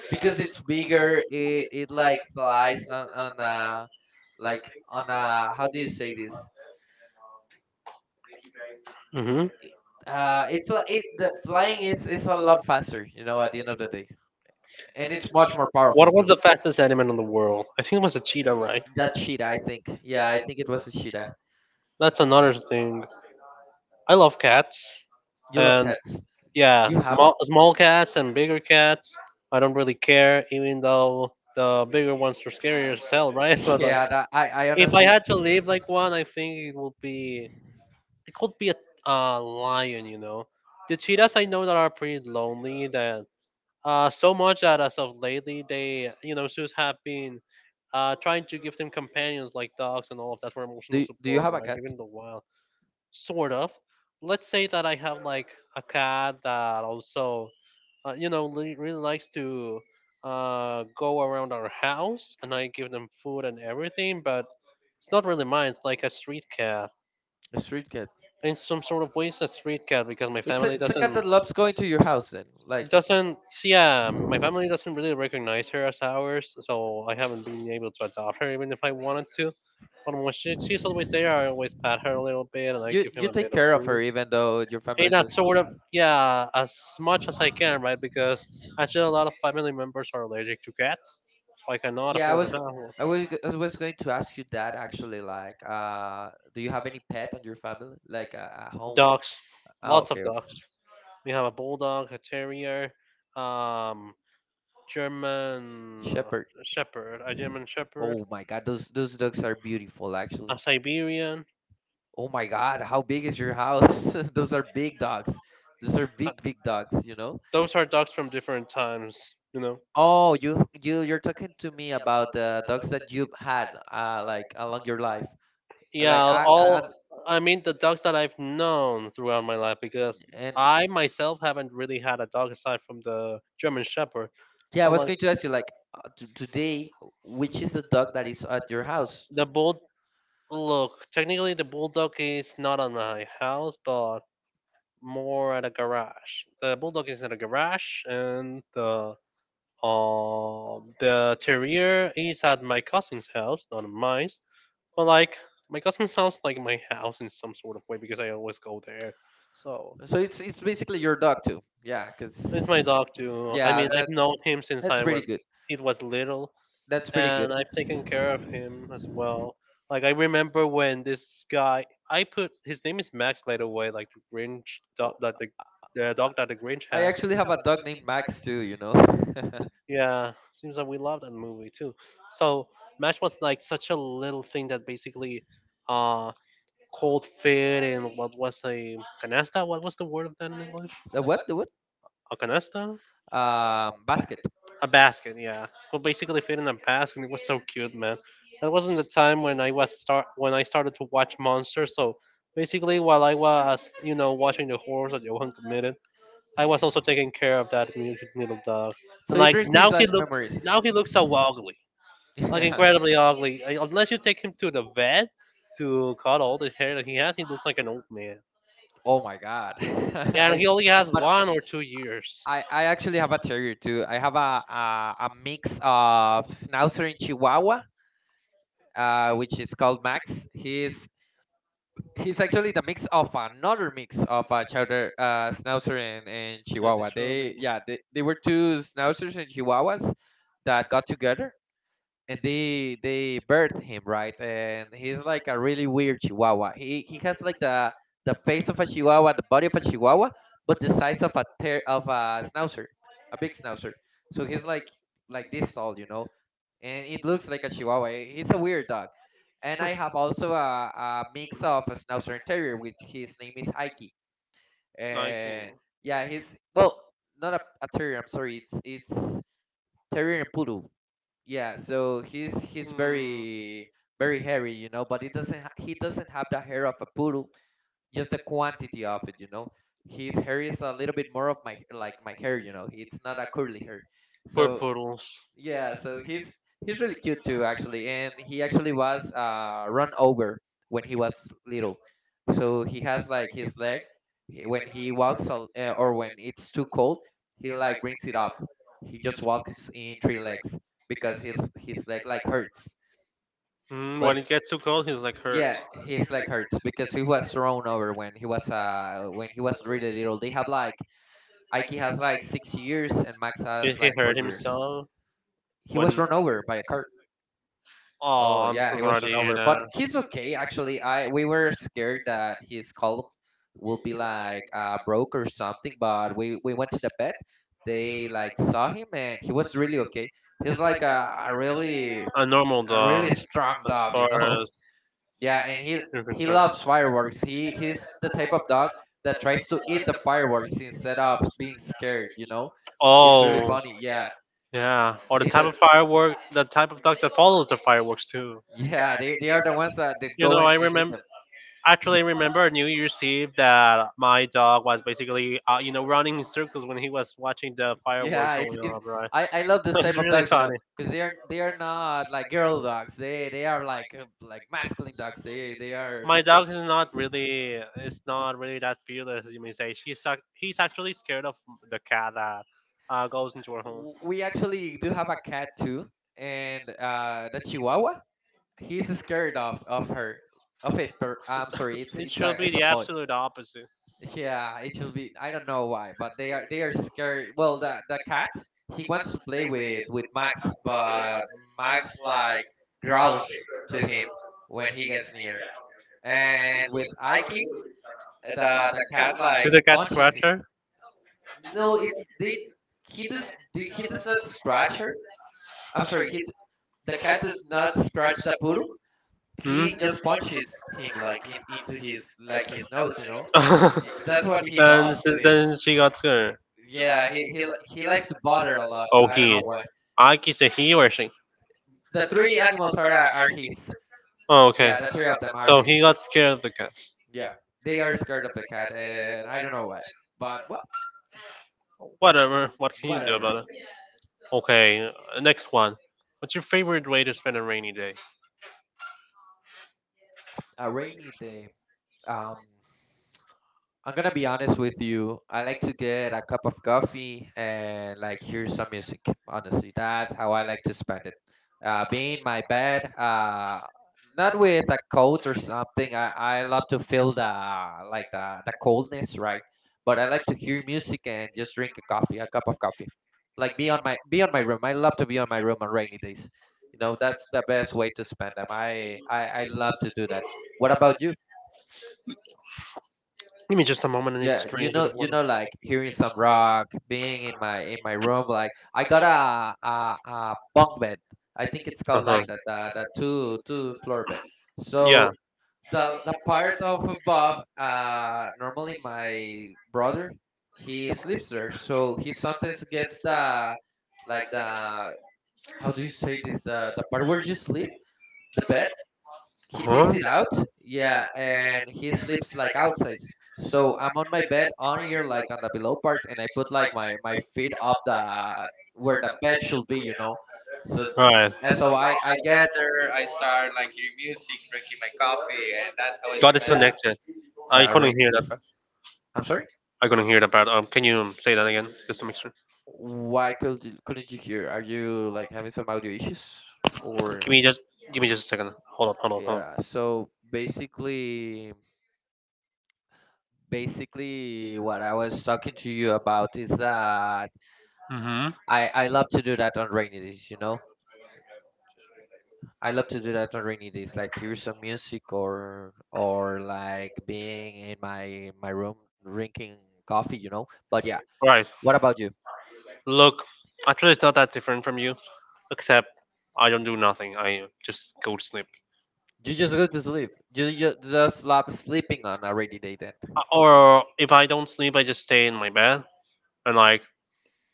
because it's bigger. It like flies on a, like, on a, how do you say this,
Hmm.
it's a, it, the flying is a lot faster, you know, at the end of the day, and it's much more powerful
What was
too.
the fastest animal in the world? I think it was a cheetah, right?
That cheetah, I think. Yeah, I think it was a cheetah.
That's another thing. I love cats,
You love
and
cats.
yeah,
You have one.
small cats and bigger cats. I don't really care, even though the bigger ones are scarier as hell, right? But like,
Yeah, that, I
if I
honestly.
had to leave like one, I think it would be it could be a lion, you know. The cheetahs I know that are pretty lonely. That, so much that as of lately, they, you know, zoos have been, trying to give them companions like dogs and all of that for emotional
Do you
support,
have a
right?
cat?
Even the wild sort of. Let's say that I have like a cat that also, you know, really likes to, go around our house, and I give them food and everything. But it's not really mine. It's like a street cat.
A street cat.
In some sort of ways, a street cat because my family
It's a cat
doesn't
that loves going to your house then, like,
doesn't yeah, my family doesn't really recognize her as ours, so I haven't been able to adopt her even if I wanted to. But when she's always there, I always pat her a little bit and I
you
give him
you
a
take
bit of
care of her
food
even though your family
in a
doesn't.
sort of yeah as much as I can, right? Because actually a lot of family members are allergic to cats, so I cannot
Yeah,
afford to have
I
one.
was, I was going to ask you that actually. Like, do you have any pet on your family, like a home?
Dogs,
Oh,
lots of
okay.
dogs. We have a bulldog, a terrier, um German,
Okay. Shepherd.
shepherd a German shepherd,
Oh my God, those dogs are beautiful,
a
actually.
Siberian.
Oh my God, how big is your house? Those are big dogs. Those are big, big dogs, you know?
Those are dogs from different times, you know.
Oh, you you're talking to me about the dogs that you've had like along your life. Like
Yeah
I
all I mean, the dogs that I've known throughout my life, because
And
I myself haven't really had a dog aside from the German Shepherd.
yeah, I
But
was going to ask you, like, t today, which is the dog that is at your house?
the bull, look, technically the bulldog is not on my house, but more at a garage. The bulldog is at a garage, and the, the terrier is at my cousin's house, not at mine. But like, my cousin sounds like my house in some sort of way, because I always go there. So
So it's basically your dog too. Yeah,
he's
'cause
my dog too. I
yeah,
mean, I've
that
known him since
that's
I
pretty
was
good.
it was little,
That's pretty
and
good.
I've taken care of him as well. Like I remember when this guy, I put his name is Max, by the way, like the Grinch dog, that the
Oh,
dog that the Grinch
I
had.
actually have a dog named Max too. You know,
Yeah, seems like we love that movie too. So Max was like such a little thing that basically, uh, cold feet and what was a canasta? What was the word of that in English?
the what? The what?
A canasta?
Basket.
A basket, yeah. Well, basically fit in a basket. It was so cute, man. That wasn't the time when I was start when I started to watch monsters. So basically, while I was watching the horrors that Johan committed, I was also taking care of that mutant little dog. And
So it
like
brings you like memories.
now he looks so ugly, like
Yeah.
incredibly ugly. Unless you take him to the vet to cut all the hair that he has, he looks like an old man.
Oh my god.
Yeah, and he only has
But
1 or 2 years.
I actually have a terrier too. I have a mix of Schnauzer and Chihuahua, which is called Max. He's actually the mix of another mix of Chowder, Schnauzer and
It
Chihuahua.
should
They
be.
yeah they were two Schnauzers and Chihuahuas that got together, and they birthed him, right? And he's like a really weird chihuahua. He has like the face of a chihuahua, the body of a chihuahua, but the size of a of a schnauzer, a big schnauzer. So he's like this tall, you know, and it looks like a chihuahua. He's a weird dog. And I have also a mix of a schnauzer and terrier, which his name is Aiki. And
I.
yeah, he's, well, not a terrier, I'm sorry, it's terrier and poodle. Yeah, so he's
Mm,
very very hairy, you know, but he doesn't he doesn't have the hair of a poodle, just the quantity of it, you know. His hair is a little bit more of my, like, my hair, you know. It's not a curly hair.
poor
So
poodles.
yeah, so he's really cute too, actually, and he actually was, run over when he was little. So he has like his leg, when he walks or when it's too cold, he like brings it up. He just walks in three legs because his leg like hurts.
Mm,
But
when it gets too cold, he's like hurt.
yeah, his leg hurts because he was thrown over when he was really little. They have like Ike has like 6 years and Max
Did
has
he
like four
hurt
years.
himself?
He was run over by a car. Oh
Oh, I'm
yeah,
so
he
sorry
was
to
run
hear
over,
that.
but he's okay actually. I we were scared that his column will be like broke or something, but we went to the vet. They like saw him and he was really okay. He's like
A normal
a
dog,
really
as
strong dog,
far
you
tough,
know.
as
Yeah, and
you're
he
concerned.
loves fireworks. He's the type of dog that tries to eat the fireworks instead of being scared, you know. It's really
Oh.
funny. Yeah,
Yeah, yeah. Or
he's a.
the type of dog that follows the fireworks too.
Yeah. They are the ones that, that
You
go
know, I
and eat
remember.
them.
Actually, I remember New Year's Eve that my dog was basically, you know, running in circles when he was watching the, yeah,
Yeah,
fireworks going
it's
off, right?
I love this
It's
type of
really
dogs, you know,
funny.
because they are not like girl dogs. They are like masculine dogs. They are.
My
The,
dog is not really that fearless, as you may say. He's actually scared of the cat that goes into her home.
we actually do have a cat too, and the Chihuahua. He's scared of her, of it. Per, I'm sorry, it's
It
it's
should
a
be
it's
the
a boy.
absolute opposite.
Yeah, it should be. I don't know why, but they are scared. Well, the cat, he wants to play with Max, but Max like growls to him when he gets near, and with Aiki, the cat like
Is a cat
punches him.
scratcher?
No, it's they. He does. He does not scratch her. I'm sorry. The cat does not scratch the poodle.
Hmm?
He just punches him like into his like his nose. That's what he
And
does to
since
him.
then she got
I-
scared.
Yeah, he likes to bother a lot.
Oh,
I don't know
he.
why.
I can say he or she.
The three animals are his.
Oh, okay.
Yeah, the three of them are
So he
his.
got scared of the cat.
Yeah, they are scared of the cat, and I don't know why. But well,
Whatever. What can you do
whatever.
about it? Okay, next one. What's your favorite way to spend a rainy day?
A rainy day. Um, I'm gonna be honest with you. I like to get a cup of coffee and like hear some music. Honestly, that's how I like to spend it. Being in my bed, not with a coat or something. I love to feel the like the coldness, right? But I like to hear music and just drink a coffee, a cup of coffee. Like be on my room. I love to be on my room on rainy days. You know, that's the best way to spend them. I love to do that. What about you?
Give me just a moment. I need
Yeah,
to drink a bit of.
you know, like hearing some rock, being in my room. Like I got a bunk bed. I think it's
Uh
called
huh.
like that, the two floor bed. So
Yeah.
the part of above, normally my brother, he sleeps there. So he sometimes gets the like the how do you say this? The part where you sleep, the bed
Uh
he takes
huh.
it out, yeah, and he sleeps like outside. So I'm on my bed on here, like on the below part, and I put like my feet up the where the bed should be, you know. So
Right.
And so I gather, I start like hearing music, drinking my coffee, and that's how I
Got
spend
disconnected. I
the
couldn't
rainy
hear that.
days.
part-
I'm sorry.
I couldn't hear that part. Can you say that again, just to make sure?
Why couldn't you hear? Are you like having some audio issues or?
Give me just, Give me just a second. Hold up, hold up, hold up.
Yeah, so basically what I was talking to you about is that
Mhm.
I love to do that on rainy days, you know. I love to do that on rainy days, like hear some music or like being in my room drinking coffee, you know. But yeah,
Right.
what about you?
Look, actually, it's not that different from you, except I don't do nothing. I just go to sleep.
You just go to sleep. You just love sleeping on a rainy day then.
Or if I don't sleep, I just stay in my bed, and like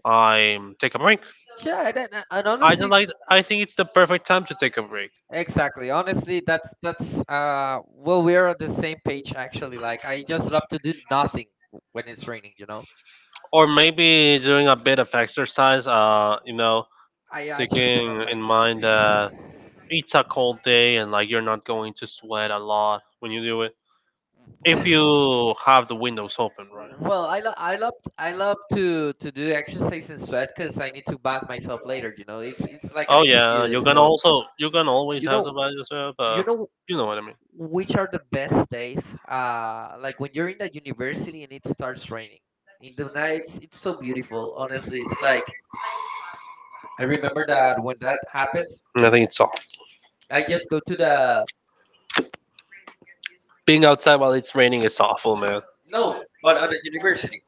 I take a break.
Yeah, and
I just
honestly,
like I think it's the perfect time to take a break.
exactly. Honestly, that's well, we're on the same page actually. Like I just love to do nothing when it's raining, you know.
Or maybe doing a bit of exercise, you know,
I actually do not
taking in
like it.
mind that it's a cold day and like you're not going to sweat a lot when you do it. If you have the windows open, right?
Well, I love to do exercise and sweat because I need to bath myself later. You know, it's like an
Oh yeah,
excuse. So
you can always
you
have
know
the visors up, but
you know
you know what I mean.
which are the best days? Like when you're in the university and it starts raining in the night. It's so beautiful. Honestly, it's like I remember that when that happens,
I think it's soft.
I just go to the
Being outside while it's raining is awful, man.
no, but on the university.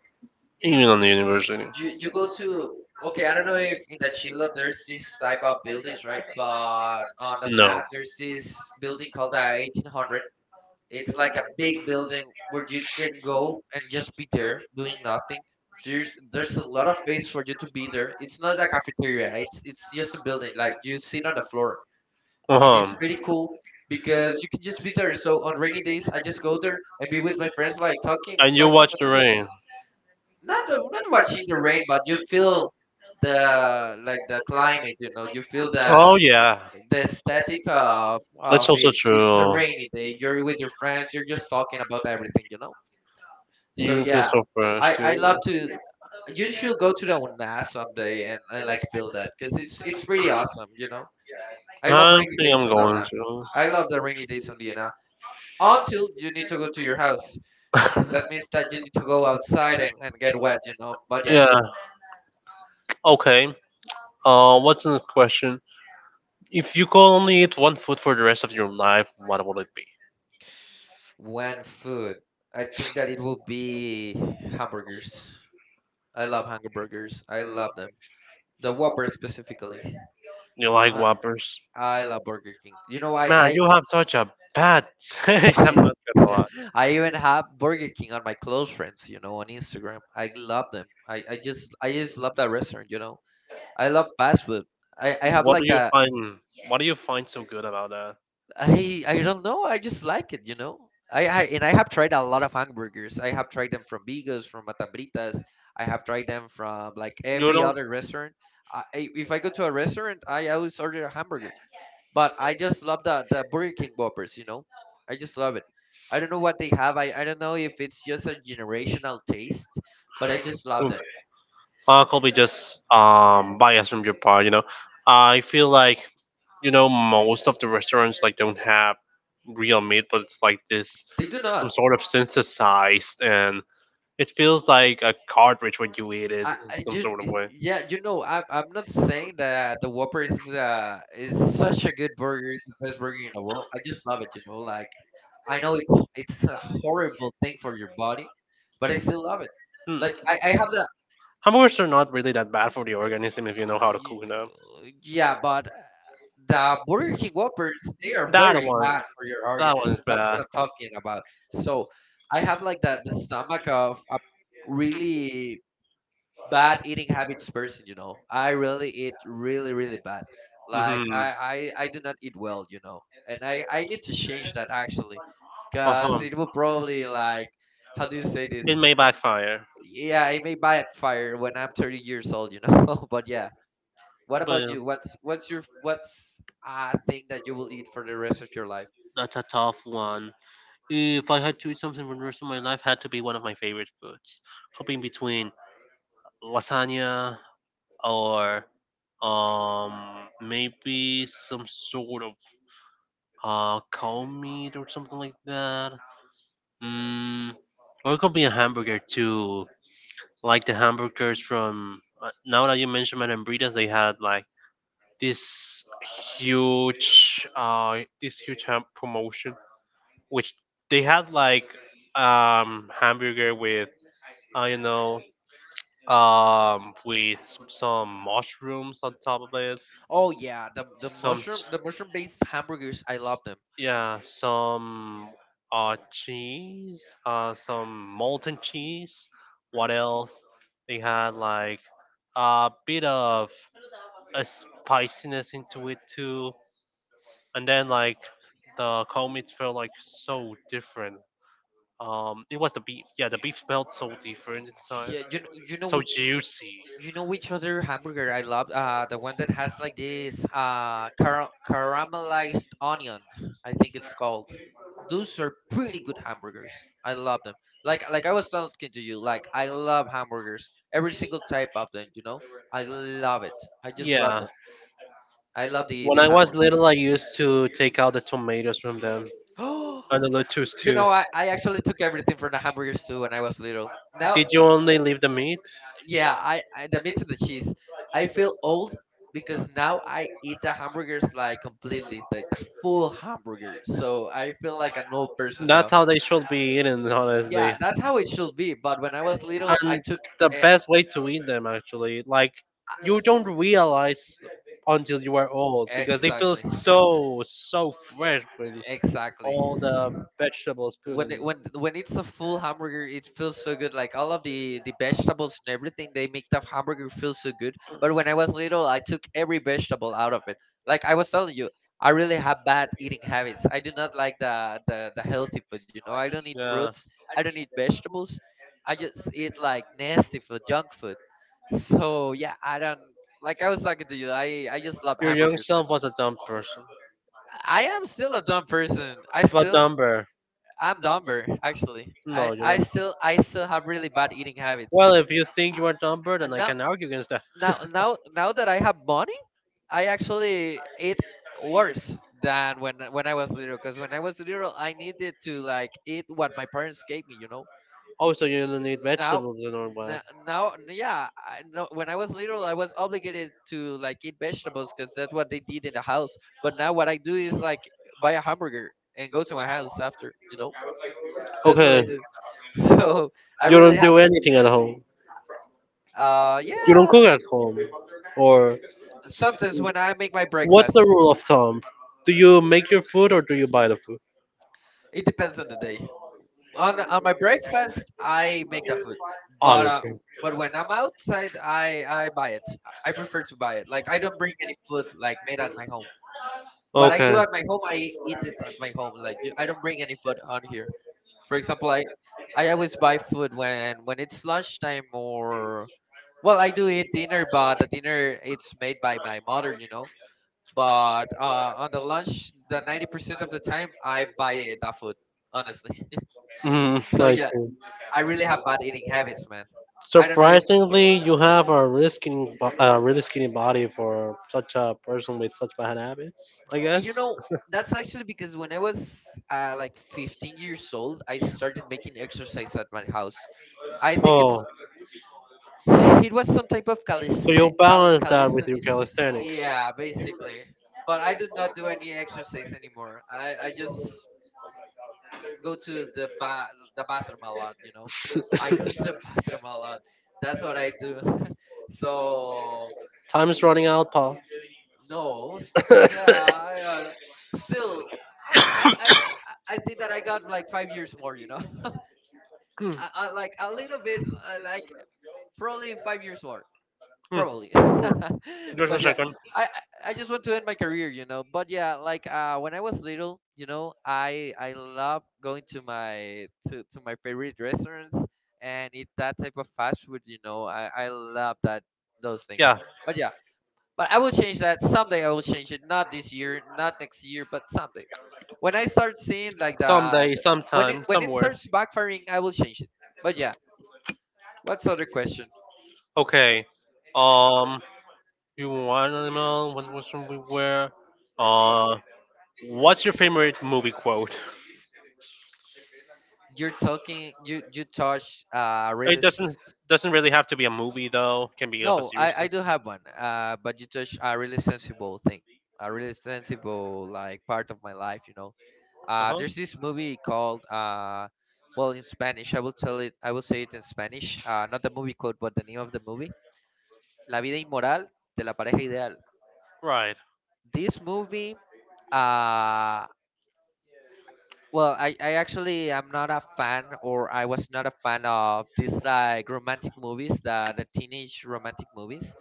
Even on the university.
You go to okay, I don't know if in the chilo there's this type of buildings, right, but on the
No.
nat there's this building called the 1800. It's like a big building where you can go and just be there doing nothing. There's a lot of space for you to be there. It's not a cafeteria. It's just a building like you sit on the floor,
Uh
and
huh.
it's pretty cool because you can just be there. So on rainy days I just go there and be with my friends, like
And you
talking
watch
about
the
everything.
rain.
Not not watching the rain, but you feel the like the climate, you know, you feel
Oh yeah,
the aesthetic
that's
of
also
it. It's a
true.
rainy day, you're with your friends, you're just talking about everything, you know. So
You feel
yeah,
so fresh too.
I
I
love to. You should go to the una someday and, like feel that because it's pretty awesome, you know. I
think
love rainy days
I'm
on the
going
una.
to.
I love the rainy days on the una until you need to go to your house, because that means that you need to go outside and, get wet, you know, but yeah.
Yeah. Okay. What's the next question? If you could only eat one food for the rest of your life, what would it be?
When food, I think that it will be hamburgers. I love hamburgers. I love them. The Whopper specifically.
You like
I
Whoppers?
I love Burger King. You know,
Man,
I
you have such a bad taste. I'm not.
I even have Burger King on my close friends. You know, on Instagram. I love them. I just love that restaurant. You know, I love fast food. I have
What do
like
you
the
find? What do you find so good about that?
I don't know. I just like it, you know. I have tried a lot of hamburgers. I have tried them from Bigos, from Matambritas. I have tried them from like
You
every
don't
other restaurant. If I go to a restaurant, I always order a hamburger. But I just love the Burger King Whoppers, you know. I just love it. I don't know what they have. I don't know if it's just a generational taste, but I just love them.
Probably just bias from your part. You know, I feel like, you know, most of the restaurants like don't have real meat, but it's like this
They do
some
not.
sort of synthesized, and it feels like a cartridge when you eat it in
I
some
you
sort of way.
Yeah, you know, I'm not saying that the Whopper is such a good burger, it's the best burger in the world. I just love it, you know. Like I know it's a horrible thing for your body, but I still love it.
Hmm.
Like I have the
Hamburgers are not really that bad for the organism if you know
uh,
how to
you,
cook them.
yeah, but the Burger King Whoppers they are
That
very
one,
bad for your
that one
organism.
is
That's what
bad.
I'm talking about. So I have like the stomach of a really bad eating habits person, you know, I really eat really really bad. Like
Mm-hmm.
I do not eat well, you know, and I need to change that actually because
Uh-huh.
it will probably like how do you say this,
May backfire,
yeah, it may backfire when I'm 30 years old, you know. But yeah, what about you?
but
What's a thing that you will eat for the rest of your life?
that's a tough one. If I had to eat something for the rest of my life, had to be one of my favorite foods. Hopping between lasagna or um maybe some sort of cow meat or something like that. Mm, or it could be a hamburger too. Like the hamburgers from now that you mentioned Manambritas, they had like this huge promotion which they had like hamburger with, I don't know, with some mushrooms on top of it,
Oh yeah,
some,
the mushroom based hamburgers, I love them.
yeah, some cheese, some molten cheese. What else? They had like a bit of a spiciness into it too. And then like the cold meat felt like so different. It was the beef. Yeah, the beef felt so different inside,
Yeah, you
so
know,
juicy.
you know which other hamburger I love? The one that has like this caramelized onion, I think it's called. Those are pretty good hamburgers. I love them. Like I was talking to you, like I love hamburgers, every single type of them. You know, I love it. I just love
Yeah.
them. I love
When
the
I was
hamburger.
little, I used to take out the tomatoes from them and the lettuce
You
too.
know, I actually took everything from the hamburgers too when I was little. Now,
Did you only leave the meat?
yeah, I and the meat and the cheese. I feel old because now I eat the hamburgers like completely, like the full hamburger. So I feel like an old person
That's
now.
how they should be eaten, honestly.
Yeah, that's how it should be. But when I was little, I
And
took
the
e-
best way to eat them actually, like, you don't realize until you are old because they feel
exactly,
so, so fresh with
exactly.
all the vegetables put in them.
When it's a full hamburger, it feels so good. Like all of the vegetables and everything, they make the hamburger feel so good. But when I was little, I took every vegetable out of it. Like I was telling you, I really have bad eating habits. I do not like the healthy food. You know, I don't eat
Yeah,
fruits. I don't eat vegetables. I just eat like nasty food, junk food. So yeah, I don't. Like I was talking to you, I just love
your young
hamburgers, man.
self was a dumb person,
I am still a dumb person.
but dumber.
I'm dumber actually.
No you
I still have really bad eating habits.
Well, if you think you are dumber, then
And
I
now
can argue against that.
now that I have money, I actually eat worse than when I was little. Because when I was little, I needed to like eat what my parents gave me. You know.
Oh, so you don't eat
Now
vegetables and all that.
now yeah no, when I was little I was obligated to like eat vegetables because that's what they did in the house. But now what I do is like buy a hamburger and go to my house after, you know. That's what I
Okay.
do. So I
You
really
don't
have
do anything at home. You don't
Yeah.
cook at home. Or
Sometimes when I make my
What's the
breakfast,
rule of thumb? Do you make your food or do you buy the food?
it depends on the day. On my breakfast, I make the food, but uh,
Obviously.
but when I'm outside, I buy it. I prefer to buy it. Like I don't bring food like made at my home. What I
Okay.
do at my home, I eat it at my home. I don't bring any food on here. For example, I always buy food when it's lunchtime or well, I do eat dinner, but the dinner it's made by my mother, you know. But on the lunch, the 90% of the time, I buy that food. Honestly,
Mm,
so
I
yeah,
see.
I really have bad eating habits, man. I don't know if
Surprisingly, you have a really skinny, really skinny body for such a person with such bad habits, I guess.
you know. That's actually because when I was like 15 years old, I started making exercise at my house. I think
Oh,
it's It was some type of
so you balance that with your
calisthenics.
calisthenics.
Yeah, basically. But I do not do any exercise anymore. I just go to the bathroom a lot, you know. I go to the bathroom a lot. That's what I do. so
Running out, Paul.
no, s- Yeah, still, I, I I I think that I got like 5 years more, you know,
Hmm,
like a little bit, like probably 5 years more.
like hmm,
Probably.
just a
But yeah,
second.
I I just want to end my career, you know. But yeah, like when I was little, you know, I love going to to my favorite restaurants and eat that type of fast food, you know. I love that those things.
Yeah,
But yeah, but I will change that someday. I will change it, not this year, not next year, but someday, when I start seeing like the, when it
sometime,
when it
somewhere.
starts backfiring, I will change it. But yeah, what's other question?
Okay. Um, you were one animal. What was we were? Uh, what's your favorite movie quote?
You're talking you you touch a really
doesn't
s-,
doesn't really have to be a movie though. Can be.
no, I do have one, but you touch a really sensible thing, a really sensible like part of my life, you know.
Do.
There's this movie called, well, in Spanish I will tell it. I will say it in Spanish. Not the movie code, but the name of the movie: La Vida Inmoral de la Pareja Ideal.
Right.
This movie, uh well, I actually am not a fan, or I was not a fan of these like romantic movies, the teenage romantic movies.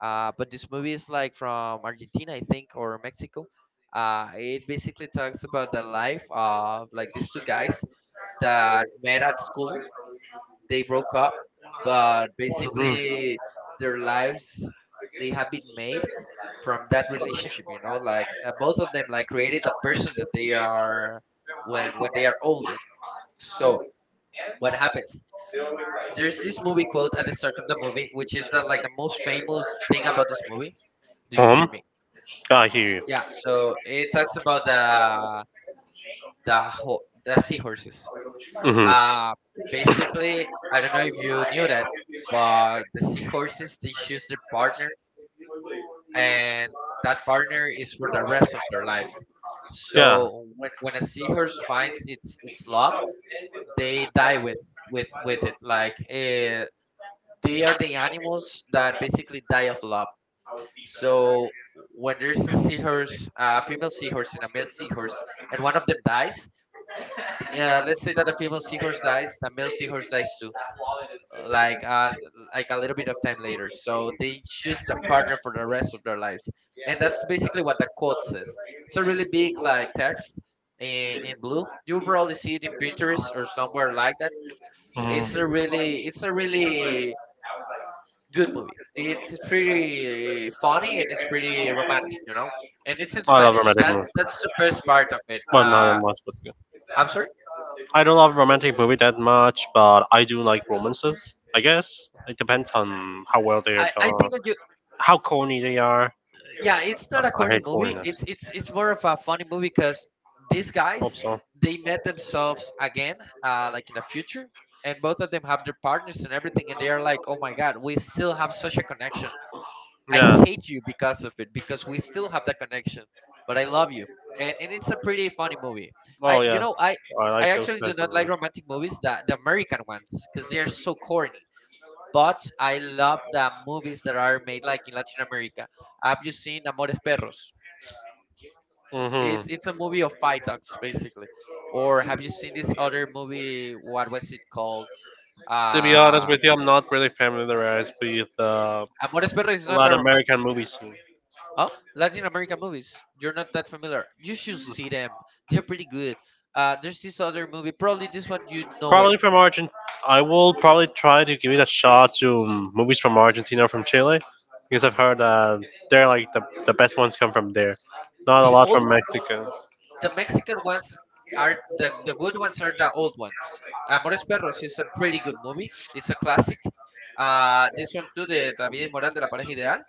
But this movie is like from Argentina, I think, or Mexico. It basically talks about the life of like these two guys that met at school. They broke up, but basically their lives, they have been made from that relationship. You know, like both of them like created the person that they are when they are older. So what happens? There's this movie quote at the start of the movie, which is the like the most famous thing about this movie. Do you hear
Home.
me?
I hear.
Yeah. So it talks about the seahorses.
Mhm.
Uh, basically, I don't know if you knew that, but the seahorses, they choose their partner, and that partner is for the rest of their lives. So when a seahorse finds its love, they die with with it. Like they are the animals that basically die of love. So when there's a seahorse, a female seahorse and a male seahorse, and one of them dies, let's say that the female seahorse dies, the male seahorse dies too, uh, like uh like a little bit of time later. So they choose a partner for the rest of their lives, and that's basically what the quote says. It's a really big like text in blue. You probably see it in Pinterest or somewhere like that. It's a
So
really, it's a really good movie. It's pretty funny and it's pretty romantic, you know. And it's in Spanish. That's the best part of it.
that much, but. Yeah.
I'm sorry.
I don't love romantic movie that much, but I do like romances. I guess it depends on how well they are
I
done,
think that you,
how corny they are.
yeah, it's not a
I
corny
hate corny
movie.
corniness.
It's it's more of a funny movie, because these
Hope so.
guys, they met themselves again, like in the future, and both of them have their partners and everything, and they are like, oh my god, we still have such a connection.
I
I
Yeah. think
hate you because of it, because we still have that connection, but I love you. And it's a pretty funny movie. I
Oh
you
yeah.
know i
I
i
like I those
actually do
kinds
not like
movies.
romantic movies, that the American ones, because they are so corny. But I love the movies that are made like in Latin America. Have you seen Amores Perros? It's
Mhm.
it's a movie of fight dogs, basically. Or have you seen this other movie? What was it called?
To be honest
Uh,
with you, I'm not really familiarized with
Amores
Amores
Perros is not a
Latin
romantic.
American movies.
Oh, Latin American movies. You're not that familiar. You should see them. They're pretty good. There's this other movie. Probably
Probably
this one you know it.
from Argent. I will probably try to give it a shot to movies from Argentina or from Chile because I've heard they're like the best ones come from there. Not a
The
lot Well, from
old,
Mexico
the Mexican ones are the good ones are the old ones. Amores Perros is a pretty good movie. It's a classic. This one too, the David y Moral de la Pareja Ideal.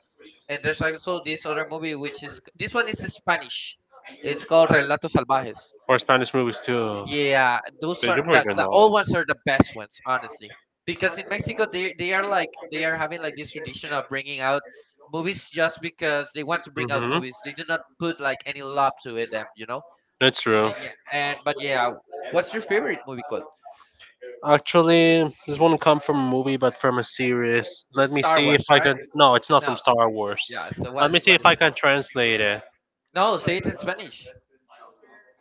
And there's also this other movie, which is, this one is Spanish. It's called Relatos Salvajes.
or Spanish movies too.
Yeah, those
They do I
are
pretty good
the
though.
old ones are the best ones, honestly. Because in Mexico they are like they are having like this tradition of bringing out movies just because they want to bring out
Mhm.
movies. They do not put like any love to them, you know.
That's
Uh,
true.
yeah, and but yeah, what's your favorite movie called?
Actually, this won't come from a movie, but from a series. Let me
Star
see if
Wars,
I
right?
can. No, it's not from
No,
Star Wars.
yeah. So what
Let
is
me
it?
see
What
if
is?
I can translate it.
No, say it in Spanish.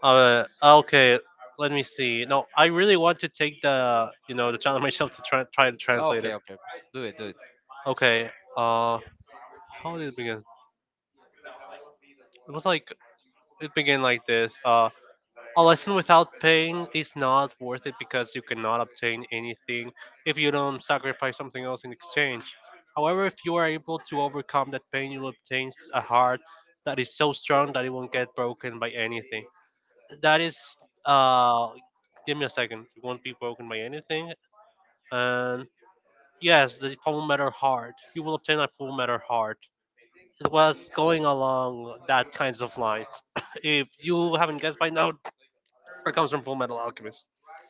Okay. Let me see. No, I really want to take the, you know, the challenge myself to try try to translate it.
Okay, okay, okay. Do it, do it.
Okay. Uh, how did it begin? It was like it began like this. A lesson without pain is not worth it because you cannot obtain anything if you don't sacrifice something else in exchange. However, if you are able to overcome that pain, you will obtain a heart that is so strong that it won't get broken by anything. That is, uh, give me a second, it won't be broken by anything. And yes, the full metal heart, you will obtain a full metal heart. It was going along that kinds of lines. If you haven't guessed by now, it comes from Full Metal Alchemist.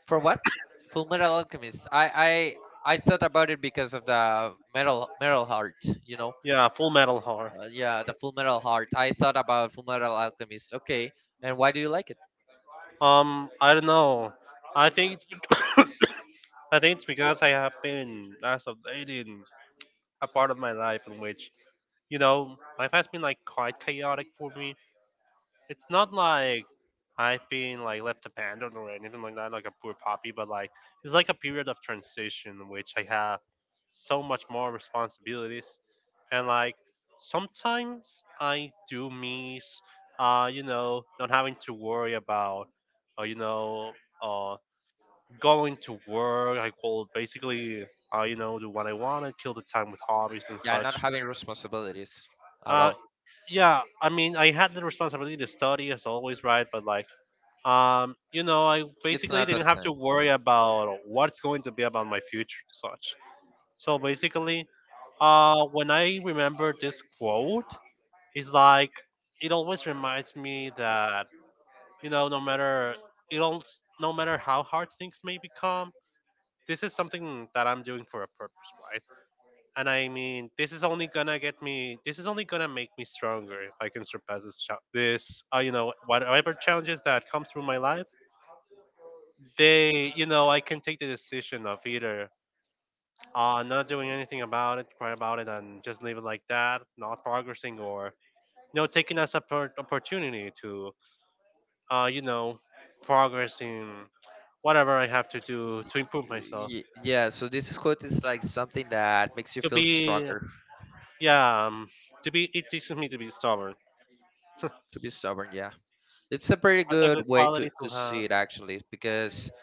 For what? Full Metal Alchemist. I thought about it because of the metal, metal heart. You know.
Yeah, Full Metal Horror.
Yeah, the Full Metal Heart. I thought about Full Metal Alchemist. Okay, and why do you like it?
I don't know. I think it's I think it's because I have been as of late in a part of my life in which, you know, life has been like quite chaotic for me. It's not like I've been like left abandoned or anything like that, like a poor puppy, but like it's like a period of transition which I have so much more responsibilities, and like sometimes I do miss, you know, not having to worry about, you know, uh, going to work. I could basically, you know, do what I want to kill the time with hobbies and
Yeah,
such.
not having responsibilities at
Uh,
all.
yeah, I mean, I had the responsibility to study as always, right? But like, you know, I
It's
basically
not the
didn't have
same.
to worry about what's going to be about my future and such. So basically, when I remember this quote, it's like it always reminds me that, you know, no matter it all, no matter how hard things may become, this is something that I'm doing for a purpose, right? And I mean, this is only gonna get me. This is only gonna make me stronger if I can surpass this, you know, whatever challenges that come through my life, they, you know, I can take the decision of either not doing anything about it, cry about it, and just leave it like that, not progressing, or, you know, taking as an opportunity to, you know, progress in whatever I have to do to improve
Y-
myself,
yeah, so this quote is like something that makes you
to
feel
be,
stronger.
yeah, to be. It teaches me to be stubborn. A
To be stubborn, yeah. It's a pretty good
good
way
quality to
to
have.
see it, actually. Because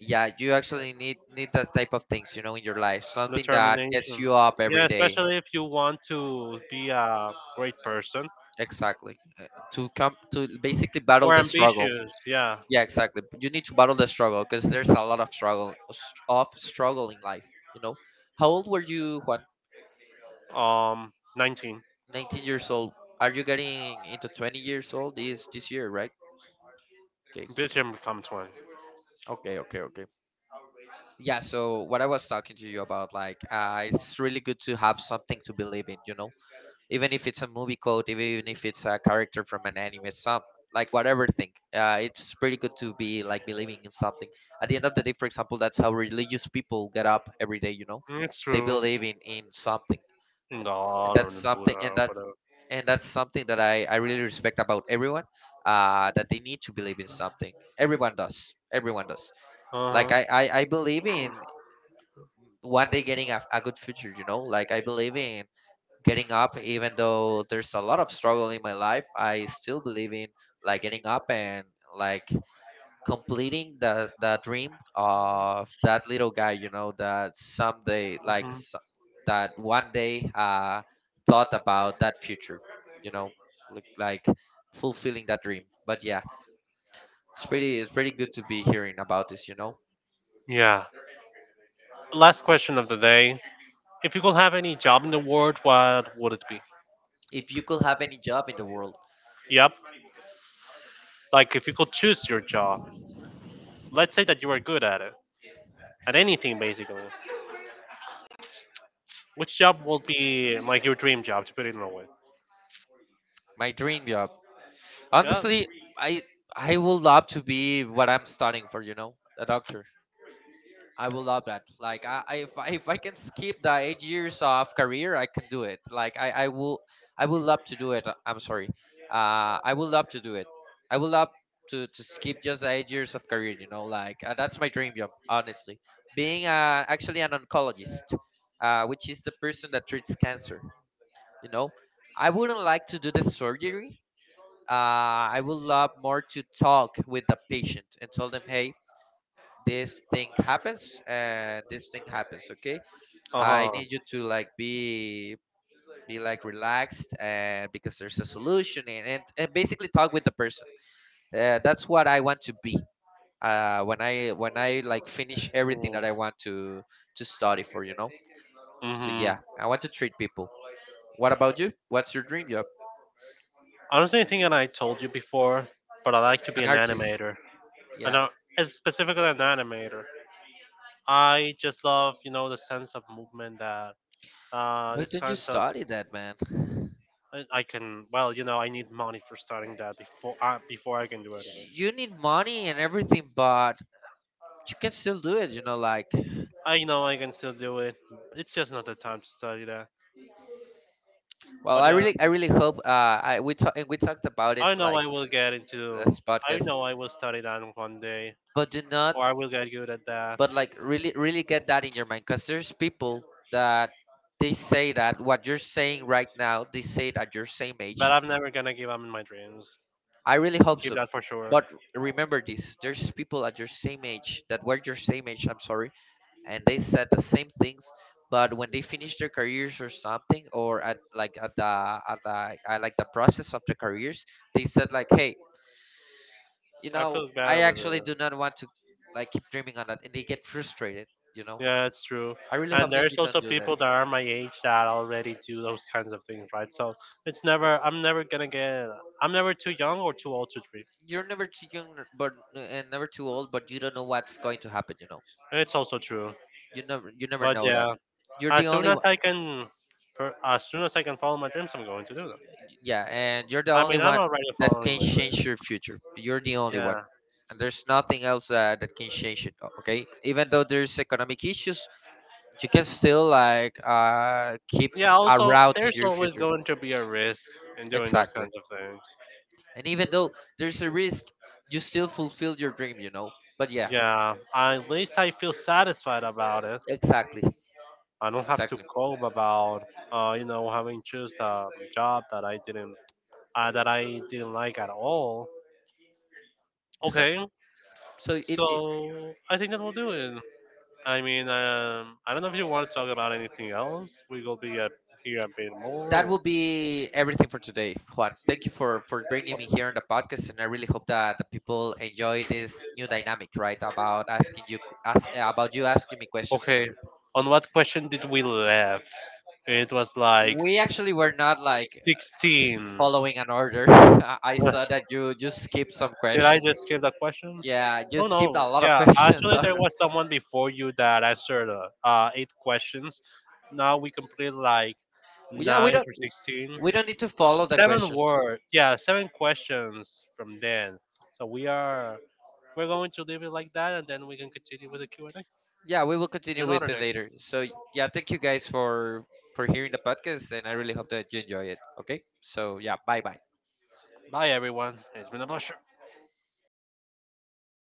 yeah, you actually need that type of things, you know, in your life, something that gets
Determination.
you up
Yeah,
every day.
especially if you want to be a great person
Exactly. To come to basically battle
or
the struggle.
ambitious. Yeah.
Yeah, exactly. You need to battle the struggle, because there's a lot of struggle in life, you know. How old were you, Juan?
Um, 19.
19 years old. Are you getting into 20 years old this year, right? Okay,
Ambition become 20.
okay, okay, okay. Yeah, so what I was talking to you about, like, it's really good to have something to believe in, you know, even if it's a movie quote, even if it's a character from an anime, some like whatever thing. It's pretty good to be like believing in something. At the end of the day, for example, that's how religious people get up every day, you know,
Mm, it's
they
true.
believe in something. And
God or
that's
the
something,
Buddha, whatever.
and that's something that I really respect about everyone. That they need to believe in something. Everyone does. Everyone does. Like
Uh-huh.
I believe in one day getting a good future, you know. Like I believe in getting up, even though there's a lot of struggle in my life. I still believe in like getting up and like completing the dream of that little guy, you know, that someday like
Hmm.
s-, that one day thought about that future, you know, like fulfilling that dream. But yeah, it's pretty, it's pretty good to be hearing about this, you know.
Yeah. Last question of the day. If you could have any job in the world, what would it be?
If you could have any job in the world,
Yep. Like if you could choose your job, let's say that you are good at it, at anything basically. Which job will be like your dream job, to put it in a way?
my dream job.
Yeah.
Honestly, I I would love to be what I'm studying for. You know, a doctor. I would love that. Like, I if I, if I can skip the 8 years of career, I can do it. Like, I will, I would love to do it. Uh, I'm sorry. I would love to do it. I would love to skip just the 8 years of career. You know, like that's my dream job. Honestly, being actually an oncologist, which is the person that treats cancer. You know, I wouldn't like to do the surgery. Uh, I would love more to talk with the patient and tell them, hey, this thing happens, this thing happens. Okay,
Uh
I
huh.
need you to like be like relaxed, and because there's a solution, and basically talk with the person. That's what I want to be. When I like finish everything that I want to study for, you know. So
Mm-hmm.
yeah, I want to treat people. What about you? What's your dream job?
Honestly, I think that I told you before, but I like to be
An
an
artist.
animator. I
Yeah.
know it's specifically an animator. I just love, you know, the sense of movement that
Why
this
don't you
kinds of.
study that, man?
I can, well, you know, I need money for starting that before, before I can do it.
You need money and everything, but you can still do it. You know, like,
I know I can still do it. It's just not the time to study that.
well,
But yeah,
I really hope. I we talked about it
I know
like
I will get into
this
I
podcast,
know I will study that one day,
but do not,
or I will get good at that.
but like really, really get that in your mind, because there's people that they say that what you're saying right now, they say it at your same
But
age.
I'm never gonna give up in my dreams.
I really hope
Keep
so.
that for sure.
But remember this: there's people at your same age that were your same age. I'm sorry. And they said the same things, but when they finish their careers or something, or at like at like the process of the careers, they said like, hey, you
I
know,
feel
I
better with
actually do
it.
not want to like keep dreaming on that, and they get frustrated, you know.
Yeah, it's true.
I really hope
And
that
there's
you don't
also
do that.
people that are my age that already do those kinds of things, right? So it's never, I'm never gonna get, I'm never too young or too old to dream.
You're never too young, but and never too old, but you don't know what's going to happen, you know.
It's also true.
You never
But
know that.
yeah,
You're the
as soon
only
as
one.
I can, as soon as I can follow my dreams, I'm going to do them.
Yeah, and you're the
I
only
mean, I'm
one
already
that
following
can
my dream.
change your future. You're the only one.
Yeah.
And there's nothing else that can change it, okay? Even though there's economic issues, you can still like keep
Yeah,
a
also,
route in
there's
your
always
future.
going to be a risk in doing those
Exactly.
kinds of things.
And even though there's a risk, you still fulfill your dream, you know? But yeah,
Yeah, at least I feel satisfied about it.
exactly.
I don't have to
Exactly.
cope about, you know, having choose a job that I didn't like at all. Okay,
Exactly. So it
so I think that will do it. I mean, I don't know if you want to talk about anything else. We will be at here a bit
that
more.
will be everything for today, Juan. Thank you for bringing me here on the podcast, and I really hope that the people enjoy this new dynamic, right? About asking you ask, about you asking me questions and
Okay.
everything.
On what question did we left? It was like
We actually were not like
16.
following an order. I
Ugh,
saw that you just skipped some
did I
questions.
just skip the question?
Yeah, you
Oh
skipped a
no.
lot of
Yeah,
questions
actually,
on
there
us.
was someone before you that answered 8 questions. Now we complete like
Yeah, we
nine
don't,
or sixteen.
we don't need to follow the
Seven
questions.
word. Yeah, 7 questions from Dan. So we are we're going to leave it like that, and then we can continue with the Q&A
Yeah, we will
in
continue with
another
it
day.
later. So yeah, thank you guys for hearing the podcast, and I really hope that you enjoy it. Okay, so yeah, bye bye.
Bye, everyone. It's been a pleasure.